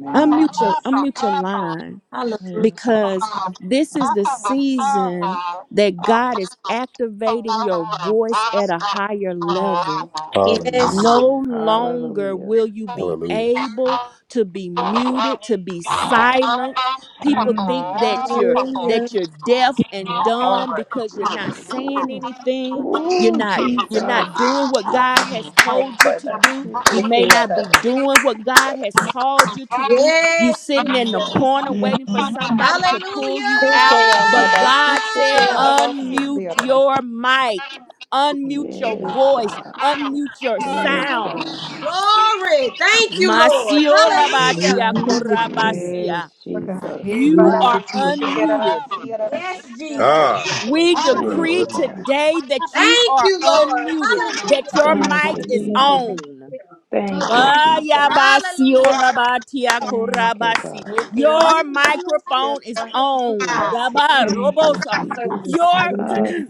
[SPEAKER 5] amen,
[SPEAKER 3] Unmute your unmute your line.
[SPEAKER 1] Hallelujah.
[SPEAKER 3] because this is the season that God is activating your voice at
[SPEAKER 6] yes.
[SPEAKER 3] a higher level
[SPEAKER 2] Hallelujah.
[SPEAKER 1] Yes, Je-
[SPEAKER 5] amen.
[SPEAKER 3] no longer
[SPEAKER 5] Hallelujah.
[SPEAKER 3] will you be
[SPEAKER 2] Hallelujah.
[SPEAKER 3] able
[SPEAKER 6] Yeah.
[SPEAKER 3] to be
[SPEAKER 6] Yes,
[SPEAKER 3] muted, to be silent. People think
[SPEAKER 5] Mm.
[SPEAKER 3] that you're
[SPEAKER 1] hallelujah.
[SPEAKER 3] that you're deaf and
[SPEAKER 6] Lord.
[SPEAKER 3] dumb because you're not saying
[SPEAKER 5] Ooh,
[SPEAKER 3] anything. You're
[SPEAKER 5] ooh,
[SPEAKER 3] not you're
[SPEAKER 5] Jesus.
[SPEAKER 3] not doing what God has
[SPEAKER 6] Hey, brother. Hey, brother.
[SPEAKER 3] told
[SPEAKER 6] Yes, Hey,
[SPEAKER 3] you
[SPEAKER 6] brother.
[SPEAKER 3] to
[SPEAKER 6] Hey,
[SPEAKER 3] do.
[SPEAKER 6] brother.
[SPEAKER 3] You may not be doing what God has called you to do. You
[SPEAKER 1] Yes,
[SPEAKER 3] sitting in the
[SPEAKER 5] Mm,
[SPEAKER 1] Jesus.
[SPEAKER 3] corner waiting for somebody to
[SPEAKER 1] Hallelujah.
[SPEAKER 3] pull you
[SPEAKER 6] Hey,
[SPEAKER 3] out, but God said
[SPEAKER 6] brother.
[SPEAKER 3] unmute
[SPEAKER 5] mm.
[SPEAKER 3] your mic unmute your
[SPEAKER 5] Yes,
[SPEAKER 3] voice
[SPEAKER 5] God.
[SPEAKER 3] Unmute your
[SPEAKER 5] Yes,
[SPEAKER 3] sound.
[SPEAKER 5] God.
[SPEAKER 1] Glory. Thank you, Lord.
[SPEAKER 3] Masiolabatia
[SPEAKER 1] Hallelujah.
[SPEAKER 4] Hallelujah, Jesus.
[SPEAKER 5] Yes,
[SPEAKER 3] korabasia.
[SPEAKER 6] Lord God.
[SPEAKER 5] Jesus.
[SPEAKER 6] Hey, ba,
[SPEAKER 3] You
[SPEAKER 6] da,
[SPEAKER 4] Glory
[SPEAKER 6] da,
[SPEAKER 3] are
[SPEAKER 4] to
[SPEAKER 6] si,
[SPEAKER 4] your
[SPEAKER 6] shi, ke, da,
[SPEAKER 4] name.
[SPEAKER 6] da,
[SPEAKER 3] unmuted.
[SPEAKER 6] si, ya, da,
[SPEAKER 1] Yes, Jesus.
[SPEAKER 2] Ah,
[SPEAKER 3] We
[SPEAKER 6] da,
[SPEAKER 2] you are
[SPEAKER 5] Thank
[SPEAKER 3] decree
[SPEAKER 5] you,
[SPEAKER 6] si.
[SPEAKER 5] God.
[SPEAKER 2] unmuted.
[SPEAKER 3] today that you
[SPEAKER 1] Thank
[SPEAKER 3] are
[SPEAKER 1] you, Lord.
[SPEAKER 3] unmuted, that
[SPEAKER 1] Hallelujah.
[SPEAKER 3] your
[SPEAKER 5] Thank
[SPEAKER 3] mic
[SPEAKER 5] you,
[SPEAKER 3] is
[SPEAKER 5] Jesus.
[SPEAKER 3] on.
[SPEAKER 5] Thank you, Jesus.
[SPEAKER 1] Hallelujah.
[SPEAKER 3] Bayabasiolabatia
[SPEAKER 5] Thank you,
[SPEAKER 3] korabasi.
[SPEAKER 5] God.
[SPEAKER 3] Your microphone is on.
[SPEAKER 5] Thank you,
[SPEAKER 3] Dabarobosa.
[SPEAKER 5] Jesus.
[SPEAKER 3] Your
[SPEAKER 5] Ah,
[SPEAKER 4] Hallelujah.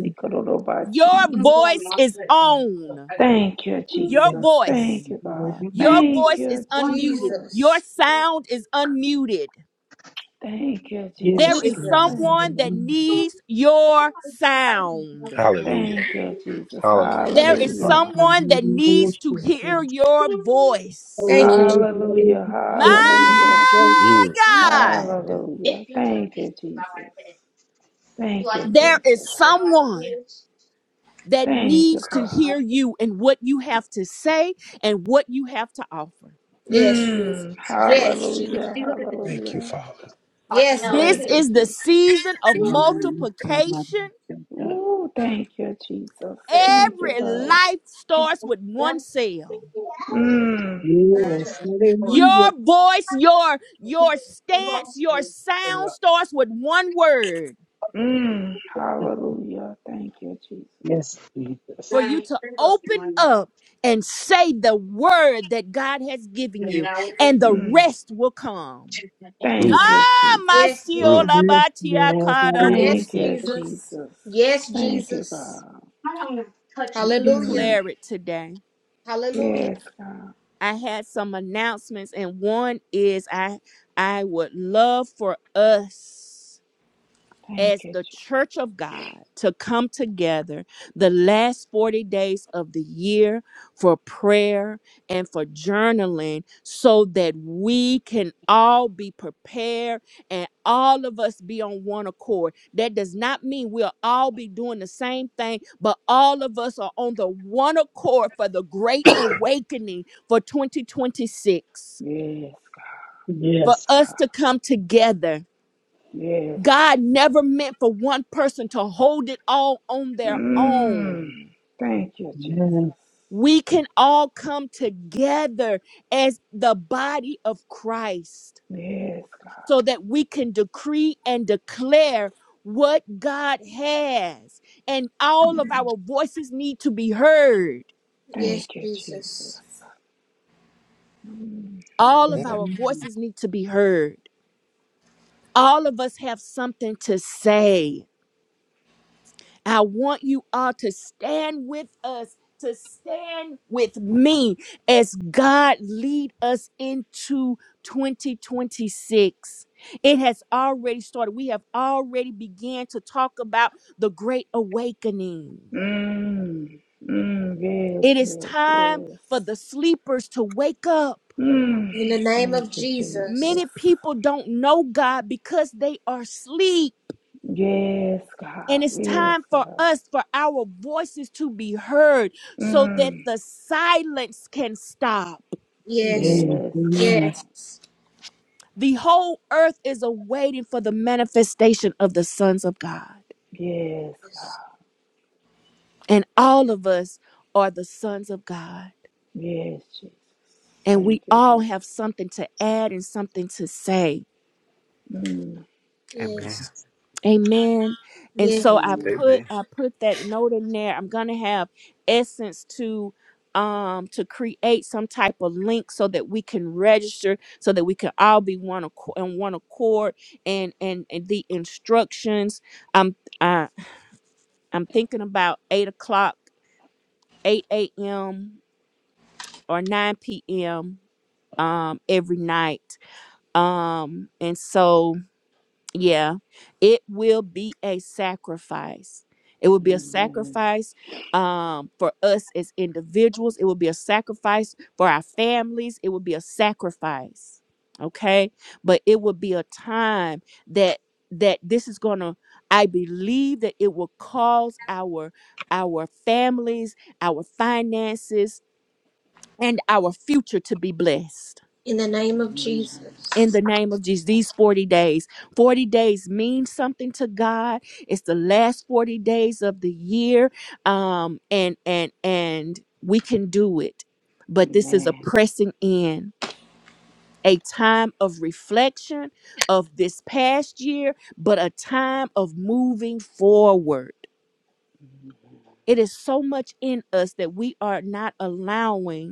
[SPEAKER 3] your
[SPEAKER 5] sikorobasi.
[SPEAKER 3] voice is on.
[SPEAKER 5] Thank you,
[SPEAKER 3] Your
[SPEAKER 4] Yes,
[SPEAKER 5] Jesus.
[SPEAKER 3] voice.
[SPEAKER 5] Thank
[SPEAKER 4] um,
[SPEAKER 5] you, God.
[SPEAKER 3] Your
[SPEAKER 4] hallelujah.
[SPEAKER 5] Thank
[SPEAKER 3] voice is
[SPEAKER 5] you,
[SPEAKER 3] unmuted.
[SPEAKER 5] Jesus.
[SPEAKER 3] Your
[SPEAKER 1] Jesus.
[SPEAKER 3] sound is unmuted.
[SPEAKER 5] Thank you,
[SPEAKER 3] There
[SPEAKER 4] Yes,
[SPEAKER 5] Jesus.
[SPEAKER 3] is
[SPEAKER 1] Jesus.
[SPEAKER 4] um,
[SPEAKER 5] Thank you,
[SPEAKER 3] someone that
[SPEAKER 5] God.
[SPEAKER 4] hallelujah.
[SPEAKER 3] needs your sound.
[SPEAKER 2] Hallelujah.
[SPEAKER 5] Thank you, Jesus.
[SPEAKER 2] Hallelujah.
[SPEAKER 3] There
[SPEAKER 2] Thank you,
[SPEAKER 3] is
[SPEAKER 4] We
[SPEAKER 5] Hallelujah.
[SPEAKER 2] Father.
[SPEAKER 4] can
[SPEAKER 3] someone that
[SPEAKER 4] really
[SPEAKER 3] needs to
[SPEAKER 4] worship
[SPEAKER 3] hear
[SPEAKER 4] you.
[SPEAKER 3] your voice.
[SPEAKER 1] Thank you.
[SPEAKER 4] Oh,
[SPEAKER 7] If
[SPEAKER 4] hallelujah,
[SPEAKER 7] you
[SPEAKER 5] Hallelujah.
[SPEAKER 7] if you have no peace,
[SPEAKER 5] Hallelujah.
[SPEAKER 7] you
[SPEAKER 4] Jesus.
[SPEAKER 7] need
[SPEAKER 3] My
[SPEAKER 2] Mm.
[SPEAKER 7] company.
[SPEAKER 3] God.
[SPEAKER 5] Hallelujah.
[SPEAKER 7] If you have no
[SPEAKER 5] Thank you, Jesus.
[SPEAKER 7] You
[SPEAKER 5] Thank you,
[SPEAKER 7] like
[SPEAKER 3] There
[SPEAKER 7] this?
[SPEAKER 3] is
[SPEAKER 5] Jesus.
[SPEAKER 7] Yeah. You like
[SPEAKER 3] someone that
[SPEAKER 5] Thank you,
[SPEAKER 3] needs to
[SPEAKER 7] Oh,
[SPEAKER 5] God.
[SPEAKER 7] no. If
[SPEAKER 3] hear you and what you have to say and what you have to offer.
[SPEAKER 1] Yes, Jesus.
[SPEAKER 5] Mm,
[SPEAKER 1] Yes, Jesus.
[SPEAKER 7] You
[SPEAKER 5] hallelujah.
[SPEAKER 7] look at this.
[SPEAKER 2] Thank you,
[SPEAKER 5] Hallelujah.
[SPEAKER 2] Father.
[SPEAKER 7] Art,
[SPEAKER 1] Yes,
[SPEAKER 7] no,
[SPEAKER 3] This
[SPEAKER 5] Thank
[SPEAKER 1] Lord.
[SPEAKER 7] too.
[SPEAKER 5] you,
[SPEAKER 3] is the
[SPEAKER 5] Jesus.
[SPEAKER 3] season
[SPEAKER 7] Hey,
[SPEAKER 3] of
[SPEAKER 4] Um, God, I
[SPEAKER 3] multiplication.
[SPEAKER 5] Ooh, thank you, Jesus. Thank
[SPEAKER 7] somebody
[SPEAKER 5] you,
[SPEAKER 7] look
[SPEAKER 3] Every
[SPEAKER 7] at those.
[SPEAKER 5] God.
[SPEAKER 3] life starts with
[SPEAKER 7] Yeah.
[SPEAKER 3] one cell.
[SPEAKER 5] Mm,
[SPEAKER 7] Okay.
[SPEAKER 4] Yes,
[SPEAKER 7] Or do you-
[SPEAKER 3] Your
[SPEAKER 4] hallelujah.
[SPEAKER 3] voice, your
[SPEAKER 7] okay.
[SPEAKER 3] your
[SPEAKER 7] walk
[SPEAKER 3] stance, your
[SPEAKER 7] through. Over
[SPEAKER 3] sound
[SPEAKER 7] up.
[SPEAKER 3] starts with one word
[SPEAKER 5] mm, hallelujah. Thank you, Jesus.
[SPEAKER 4] Yes,
[SPEAKER 3] for
[SPEAKER 4] Jesus.
[SPEAKER 3] you
[SPEAKER 7] Nine,
[SPEAKER 3] to
[SPEAKER 7] you're supposed to be
[SPEAKER 3] open
[SPEAKER 7] one.
[SPEAKER 3] up and say the word that God has given
[SPEAKER 7] You're
[SPEAKER 3] you,
[SPEAKER 7] now with me.
[SPEAKER 3] and the
[SPEAKER 5] Mm,
[SPEAKER 3] rest will come.
[SPEAKER 7] I think
[SPEAKER 2] Mm.
[SPEAKER 5] thank
[SPEAKER 7] so.
[SPEAKER 5] you,
[SPEAKER 3] Ah, my
[SPEAKER 5] Jesus.
[SPEAKER 2] Mm.
[SPEAKER 3] siola
[SPEAKER 4] Yes,
[SPEAKER 3] batia
[SPEAKER 4] Lord,
[SPEAKER 3] kada
[SPEAKER 4] hallelujah.
[SPEAKER 1] Yes,
[SPEAKER 5] Thank
[SPEAKER 3] bosi.
[SPEAKER 5] you,
[SPEAKER 7] Look,
[SPEAKER 1] Jesus.
[SPEAKER 5] Jesus.
[SPEAKER 1] Yes,
[SPEAKER 5] Thank you,
[SPEAKER 1] Jesus.
[SPEAKER 5] God.
[SPEAKER 7] I don't want to touch you.
[SPEAKER 3] We
[SPEAKER 1] Hallelujah.
[SPEAKER 5] Mm,
[SPEAKER 3] declare it today.
[SPEAKER 1] Hallelujah.
[SPEAKER 5] yes, God.
[SPEAKER 3] I had some announcements, and one is I I would love for us.
[SPEAKER 5] Thank
[SPEAKER 3] as
[SPEAKER 5] you,
[SPEAKER 3] the
[SPEAKER 5] Jesus.
[SPEAKER 3] church of God to come together the last 40 days of the year for prayer and for journaling so that we can all be prepared and all of us be on one accord. That does not mean we'll all be doing the same thing, but all of us are on the one accord for the great awakening for 2026.
[SPEAKER 5] Yes, God. Yes,
[SPEAKER 3] For
[SPEAKER 4] Yes,
[SPEAKER 3] us
[SPEAKER 5] God.
[SPEAKER 3] to come together
[SPEAKER 5] Yes,
[SPEAKER 3] God
[SPEAKER 5] Jesus.
[SPEAKER 3] never meant for one person to hold it all on their
[SPEAKER 5] Mm,
[SPEAKER 3] own.
[SPEAKER 5] thank you,
[SPEAKER 4] yes,
[SPEAKER 5] Jesus.
[SPEAKER 3] We can all come together as the body of Christ
[SPEAKER 5] Yes, God.
[SPEAKER 3] so that we can decree and declare what God has. And all of
[SPEAKER 5] Mm.
[SPEAKER 3] our voices need to be heard.
[SPEAKER 5] Thank
[SPEAKER 1] Yes,
[SPEAKER 5] you,
[SPEAKER 1] Jesus.
[SPEAKER 5] Jesus. Mm.
[SPEAKER 3] All of
[SPEAKER 2] Yeah.
[SPEAKER 3] our
[SPEAKER 4] hallelujah.
[SPEAKER 3] voices need to be heard. All of us have something to say I want you all to stand with us, to stand with me as God lead us into 2026. It has already started. We have already began to talk about the great awakening.
[SPEAKER 5] Mm. Mm.
[SPEAKER 3] It
[SPEAKER 5] Yes,
[SPEAKER 3] is
[SPEAKER 5] yes,
[SPEAKER 3] time
[SPEAKER 5] yes.
[SPEAKER 3] for the sleepers to wake up.
[SPEAKER 5] Mm. Thank you,
[SPEAKER 3] Many
[SPEAKER 5] Jesus.
[SPEAKER 3] people don't know God because they are asleep.
[SPEAKER 5] Yes, God.
[SPEAKER 3] And it's
[SPEAKER 5] Yes,
[SPEAKER 3] time for
[SPEAKER 5] God.
[SPEAKER 3] us, for our voices to be heard so that
[SPEAKER 5] Mm.
[SPEAKER 3] the silence can stop.
[SPEAKER 1] Yes.
[SPEAKER 4] Yes,
[SPEAKER 5] Yes, God.
[SPEAKER 4] amen.
[SPEAKER 1] Yes.
[SPEAKER 3] The whole earth is awaiting for the manifestation of the sons of God.
[SPEAKER 5] Yes, God.
[SPEAKER 1] Yes.
[SPEAKER 3] And all of us are the sons of God.
[SPEAKER 5] Yes, Jesus.
[SPEAKER 3] And
[SPEAKER 5] Thank
[SPEAKER 3] we
[SPEAKER 5] you,
[SPEAKER 3] all
[SPEAKER 5] God.
[SPEAKER 3] have something to add and something to say
[SPEAKER 5] Mm.
[SPEAKER 2] Amen.
[SPEAKER 1] Yes.
[SPEAKER 3] Amen. And
[SPEAKER 1] Yes.
[SPEAKER 3] so I
[SPEAKER 5] Amen.
[SPEAKER 3] put
[SPEAKER 2] Amen.
[SPEAKER 3] I put that note in there. I'm gonna have Essence to um to create some type of link so that we can register, so that we can all be one accord and one accord and and, and the instructions. I'm I, I'm thinking about eight o'clock, eight a.m. or nine p.m. um every night. Um and so Yeah, it will be a sacrifice. It will be a
[SPEAKER 5] Amen.
[SPEAKER 3] sacrifice um, for us as individuals. It will be a sacrifice for our families. It will be a sacrifice. Okay, but it will be a time that that this is gonna. I believe that it will cause our our families, our finances, and our future to be blessed
[SPEAKER 1] In the name of
[SPEAKER 3] in
[SPEAKER 1] Jesus.
[SPEAKER 3] the name of Jesus. These 40 days, 40 days mean something to God. It's the last 40 days of the year. Um, and and and we can do it.
[SPEAKER 5] Amen.
[SPEAKER 3] But this is a
[SPEAKER 5] Amen.
[SPEAKER 3] pressing in, a time of reflection of this past year, but a time of moving forward. It is so much in us that we are not allowing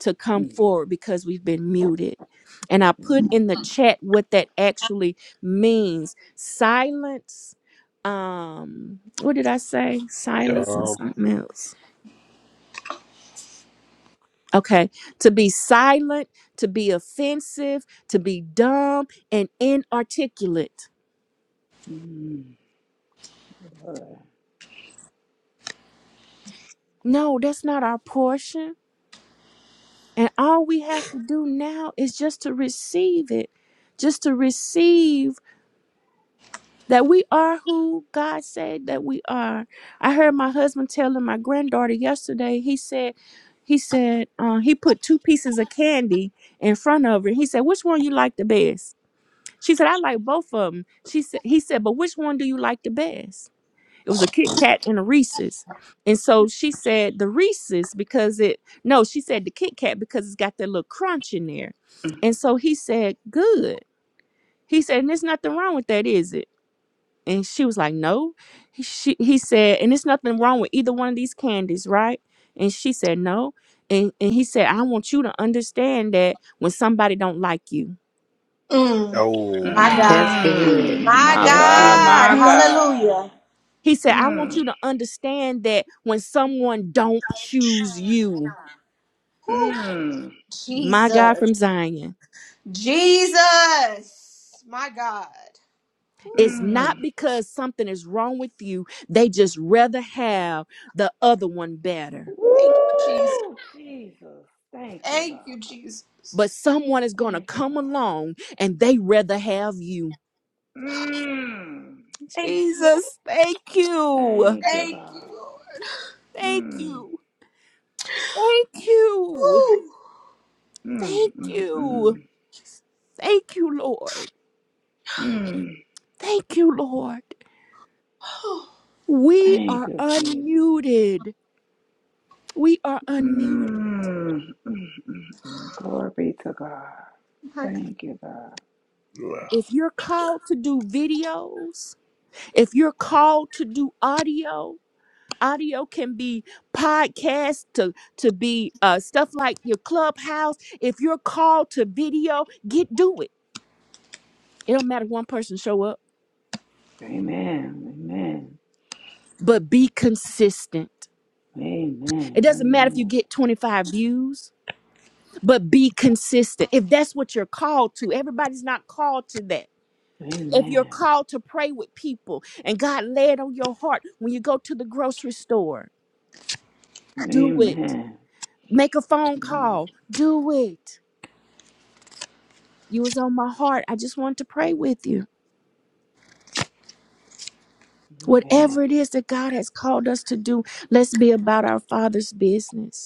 [SPEAKER 3] to come
[SPEAKER 5] Mm.
[SPEAKER 3] forward because we've been muted. And I put in
[SPEAKER 5] Mm.
[SPEAKER 3] the chat what that actually means. Silence. Um, what did I say? Silence and
[SPEAKER 2] Dumb.
[SPEAKER 3] something else. Okay. To be silent, to be offensive, to be dumb and inarticulate.
[SPEAKER 5] Mm.
[SPEAKER 3] No, that's not our portion. And all we have to do now is just to receive it, just to receive that we are who God said that we are. I heard my husband telling my granddaughter yesterday, he said, he said, uh, he put two pieces of candy in front of her. He said, which one you like the best? She said, I like both of them. She said, he said, but which one do you like the best? It was a Kit Kat and a Reese's. And so she said the Reese's because it, no, she said the Kit Kat because it's got that little crunch in there. And so he said, good. He said, and there's nothing wrong with that, is it? And she was like, "No." He, she, he said, "And it's nothing wrong with either one of these candies, right?" And she said, "No." And and he said, "I want you to understand that when somebody don't like you."
[SPEAKER 1] Mm.
[SPEAKER 2] Oh
[SPEAKER 1] My
[SPEAKER 2] yeah.
[SPEAKER 6] That's it. That's
[SPEAKER 1] God.
[SPEAKER 6] good.
[SPEAKER 5] Mmm,
[SPEAKER 1] My
[SPEAKER 5] my
[SPEAKER 2] Yeah.
[SPEAKER 6] That's
[SPEAKER 5] God,
[SPEAKER 6] good.
[SPEAKER 1] God.
[SPEAKER 5] my
[SPEAKER 3] Hmm.
[SPEAKER 5] God.
[SPEAKER 1] Hallelujah.
[SPEAKER 3] He said, "I want
[SPEAKER 5] Mmm,
[SPEAKER 3] you to understand that when someone don't choose you,
[SPEAKER 1] Whew.
[SPEAKER 5] mmm,
[SPEAKER 3] my God
[SPEAKER 1] Jesus.
[SPEAKER 3] from Zion,
[SPEAKER 1] Jesus. My God.
[SPEAKER 3] it's
[SPEAKER 5] mmm.
[SPEAKER 3] not because something is wrong with you. They just rather have the other one better."
[SPEAKER 1] Thank you, Jesus.
[SPEAKER 5] Woo, Jesus. Thank
[SPEAKER 1] Thank
[SPEAKER 5] you, God.
[SPEAKER 1] you.
[SPEAKER 3] But
[SPEAKER 1] Jesus.
[SPEAKER 3] someone is going to
[SPEAKER 5] Thank you,
[SPEAKER 3] come
[SPEAKER 5] God.
[SPEAKER 3] along and they rather have you.
[SPEAKER 5] Mmm,
[SPEAKER 1] Thank you. Lord.
[SPEAKER 3] Jesus, thank you.
[SPEAKER 5] thank you,
[SPEAKER 1] Thank you,
[SPEAKER 5] God.
[SPEAKER 1] Lord.
[SPEAKER 3] Thank
[SPEAKER 5] Mmm,
[SPEAKER 3] you. Thank you.
[SPEAKER 1] Ooh.
[SPEAKER 5] mmm,
[SPEAKER 3] Thank
[SPEAKER 5] mmm,
[SPEAKER 3] you.
[SPEAKER 5] mmm.
[SPEAKER 3] Thank you, Lord.
[SPEAKER 5] mm.
[SPEAKER 3] Thank you, Lord.
[SPEAKER 1] Oh,
[SPEAKER 3] We
[SPEAKER 5] Thank
[SPEAKER 3] are
[SPEAKER 5] you, Jesus.
[SPEAKER 3] unmuted. We are unmuted.
[SPEAKER 5] Mm, mm, mm, mm. Glory be to God.
[SPEAKER 1] my God.
[SPEAKER 5] Thank you, God.
[SPEAKER 2] Wow.
[SPEAKER 3] If you're called to do videos, if you're called to do audio, audio can be podcasts to to be uh stuff like your clubhouse. If you're called to video, get do it. It don't matter if one person show up
[SPEAKER 5] Amen. Amen.
[SPEAKER 3] but be consistent. It doesn't matter if you
[SPEAKER 5] Amen. Amen.
[SPEAKER 3] get 25 views, but be consistent. If that's what you're called to, everybody's not called to that. If you're
[SPEAKER 5] Amen.
[SPEAKER 3] called to pray with people and God lay on your heart when you go to the grocery store, do it.
[SPEAKER 5] Amen.
[SPEAKER 3] Make a phone
[SPEAKER 5] Mm,
[SPEAKER 3] call, do it. You was on my heart. I just wanted to pray with you. Whatever it
[SPEAKER 5] Amen.
[SPEAKER 3] is that God has called us to do, let's be about our Father's business.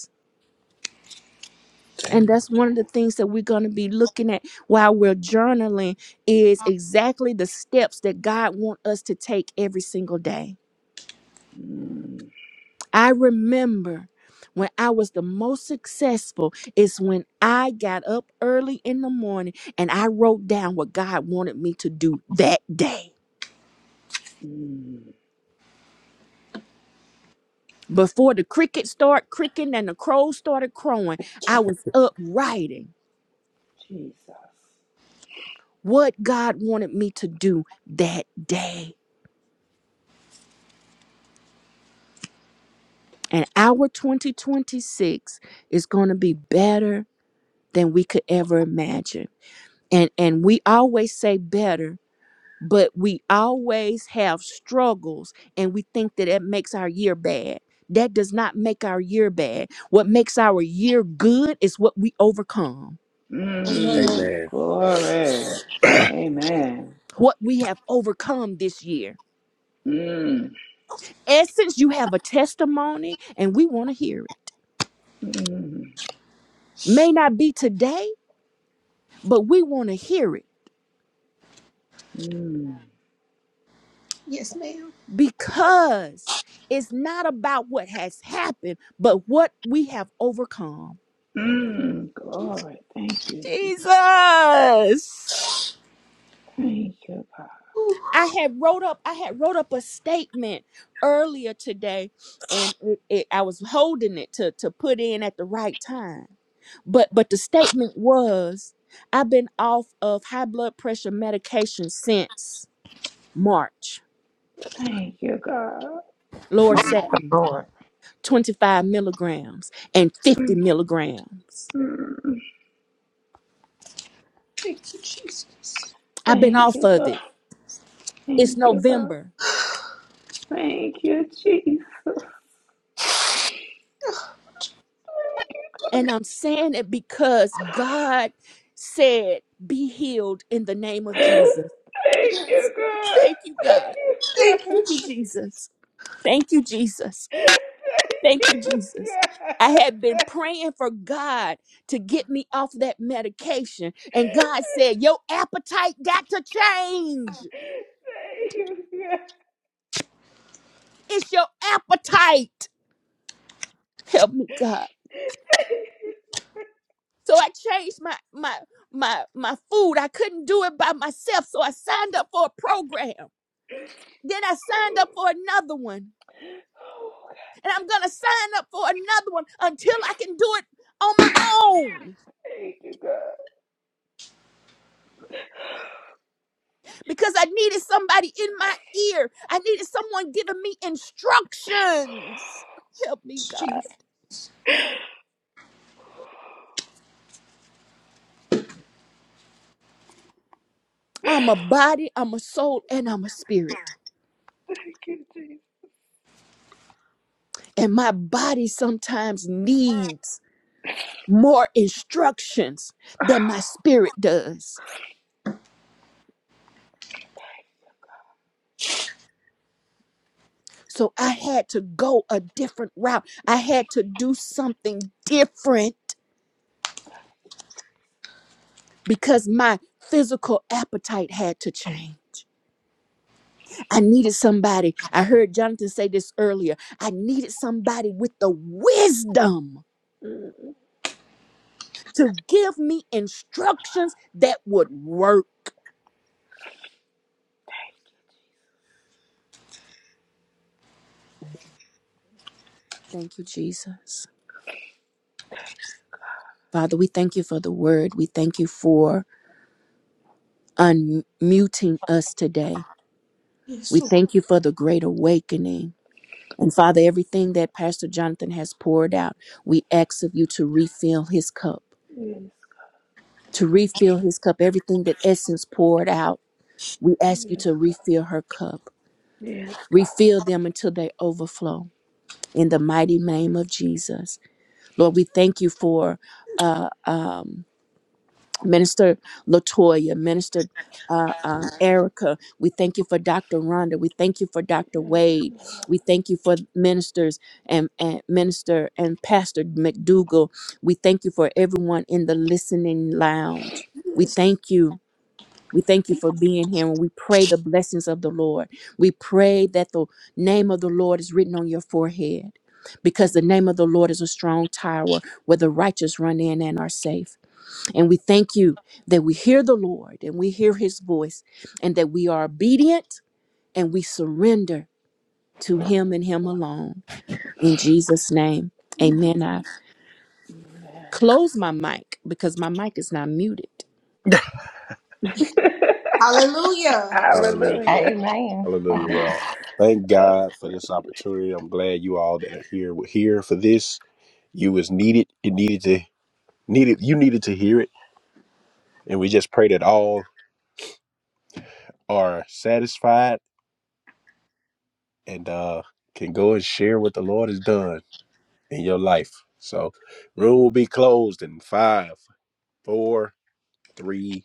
[SPEAKER 3] and that's one of the things that we're going to be looking at while we're journaling is exactly the steps that God wants us to take every single day.
[SPEAKER 5] Mm,
[SPEAKER 3] I remember when I was the most successful is when I got up early in the morning and I wrote down what God wanted me to do that day.
[SPEAKER 5] mm,
[SPEAKER 3] Before the crickets start cricking and the crows started crowing, I was up writing
[SPEAKER 5] Jesus.
[SPEAKER 3] what God wanted me to do that day. And our 2026 is going to be better than we could ever imagine. And and we always say better, but we always have struggles and we think that it makes our year bad. That does not make our year bad. What makes our year good is what we overcome.
[SPEAKER 5] Mm,
[SPEAKER 1] Amen.
[SPEAKER 2] Amen.
[SPEAKER 5] glory. Amen.
[SPEAKER 3] What we have overcome this year.
[SPEAKER 5] Mm,
[SPEAKER 3] Essence, you have a testimony and we want to hear it.
[SPEAKER 5] mm,
[SPEAKER 3] May not be today, but we want to hear it
[SPEAKER 5] mm,
[SPEAKER 1] Yes, ma'am.
[SPEAKER 3] because it's not about what has happened, but what we have overcome.
[SPEAKER 5] mm, glory. Thank you, Jesus.
[SPEAKER 3] Jesus.
[SPEAKER 5] Thank you, God.
[SPEAKER 3] I had wrote up I had wrote up a statement earlier today and it, it, I was holding it to to put in at the right time. But but the statement was I've been off of high blood pressure medication since March.
[SPEAKER 5] Thank you, God. Mm,
[SPEAKER 3] Loracetin,
[SPEAKER 6] Lord.
[SPEAKER 3] 25 milligrams and 50 milligrams.
[SPEAKER 5] mm,
[SPEAKER 3] I've been
[SPEAKER 5] thank
[SPEAKER 3] off
[SPEAKER 5] you,
[SPEAKER 3] of
[SPEAKER 5] God.
[SPEAKER 3] it It's
[SPEAKER 5] Thank you, God.
[SPEAKER 3] November.
[SPEAKER 5] Thank you, Jesus.
[SPEAKER 3] And I'm saying it because God said, be healed in the name of Jesus.
[SPEAKER 5] Thank you, God.
[SPEAKER 3] Thank you, God.
[SPEAKER 5] Thank you,
[SPEAKER 1] Thank
[SPEAKER 5] God.
[SPEAKER 1] you,
[SPEAKER 3] Thank you, Jesus. Thank you, Jesus.
[SPEAKER 5] Thank
[SPEAKER 3] Thank you, Jesus.
[SPEAKER 5] you,
[SPEAKER 3] I had been praying for God to get me off that medication. And God said, Your appetite got to change.
[SPEAKER 5] God. Thank you, God.
[SPEAKER 3] It's your appetite. Help me, God. So I changed my my my my food. I couldn't do it by myself. So I signed up for a program. Then I signed up for another one.
[SPEAKER 5] Oh,
[SPEAKER 3] And I'm going to sign up for another one until I can do it on my own
[SPEAKER 5] thank you, God.
[SPEAKER 3] because I needed somebody in my ear. I needed someone giving me instructions. Help me, God.
[SPEAKER 1] Jesus.
[SPEAKER 3] I'm a body, I'm a soul, and I'm a spirit.
[SPEAKER 5] Thank you,
[SPEAKER 3] And my body sometimes needs more instructions than my spirit does. So I had to go a different route. I had to do something different because my physical appetite had to change. I needed somebody. I heard Jonathan say this earlier. I needed somebody with the wisdom
[SPEAKER 5] Jesus.
[SPEAKER 3] to give me instructions that would work. Thank you, Jesus. Father, we thank you for the word. We thank you for unmuting us today. We
[SPEAKER 1] Yes,
[SPEAKER 3] thank you for the great awakening. And Father, everything that Pastor Jonathan has poured out, we ask of you to refill his cup.
[SPEAKER 5] Mm,
[SPEAKER 3] to refill his cup. Everything that Essence poured out, we ask you
[SPEAKER 5] Yes,
[SPEAKER 3] to
[SPEAKER 5] God.
[SPEAKER 3] refill her cup.
[SPEAKER 5] Yes, God.
[SPEAKER 3] Refill them until they overflow in the mighty name of Jesus. Lord, we thank you for uh, um, Minister Latoya, Minister. Uh, um, Erica, we thank you for Dr. Rhonda. We thank you for Dr.
[SPEAKER 5] Yes, God.
[SPEAKER 3] Wade.
[SPEAKER 5] Yes, God.
[SPEAKER 3] We thank you for ministers and, and minister and Pastor McDougal. We thank you for everyone in the listening lounge. We thank you We thank you for being here and we pray the blessings of the Lord. We pray that the name of the Lord is written on your forehead because
[SPEAKER 5] Yes,
[SPEAKER 3] the name of the Lord is a strong tower where the righteous run in and are safe. And we thank you that we hear the Lord and we hear his voice and that we are obedient and we surrender to
[SPEAKER 5] God.
[SPEAKER 3] him
[SPEAKER 5] Yes,
[SPEAKER 3] and him
[SPEAKER 5] God.
[SPEAKER 3] alone. In Jesus' name, amen. I
[SPEAKER 5] Amen.
[SPEAKER 3] close my mic because my mic is not muted.
[SPEAKER 1] Hallelujah.
[SPEAKER 2] Hallelujah.
[SPEAKER 5] Hallelujah.
[SPEAKER 6] Amen.
[SPEAKER 2] Hallelujah. Well, thank God for this opportunity. I'm glad you all that are here were here for this. You was needed. It needed to needed you needed to hear it. And we just pray that all are satisfied and uh can go and share what the Lord has done in your life. So room will be closed in five, four, three,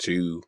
[SPEAKER 2] two,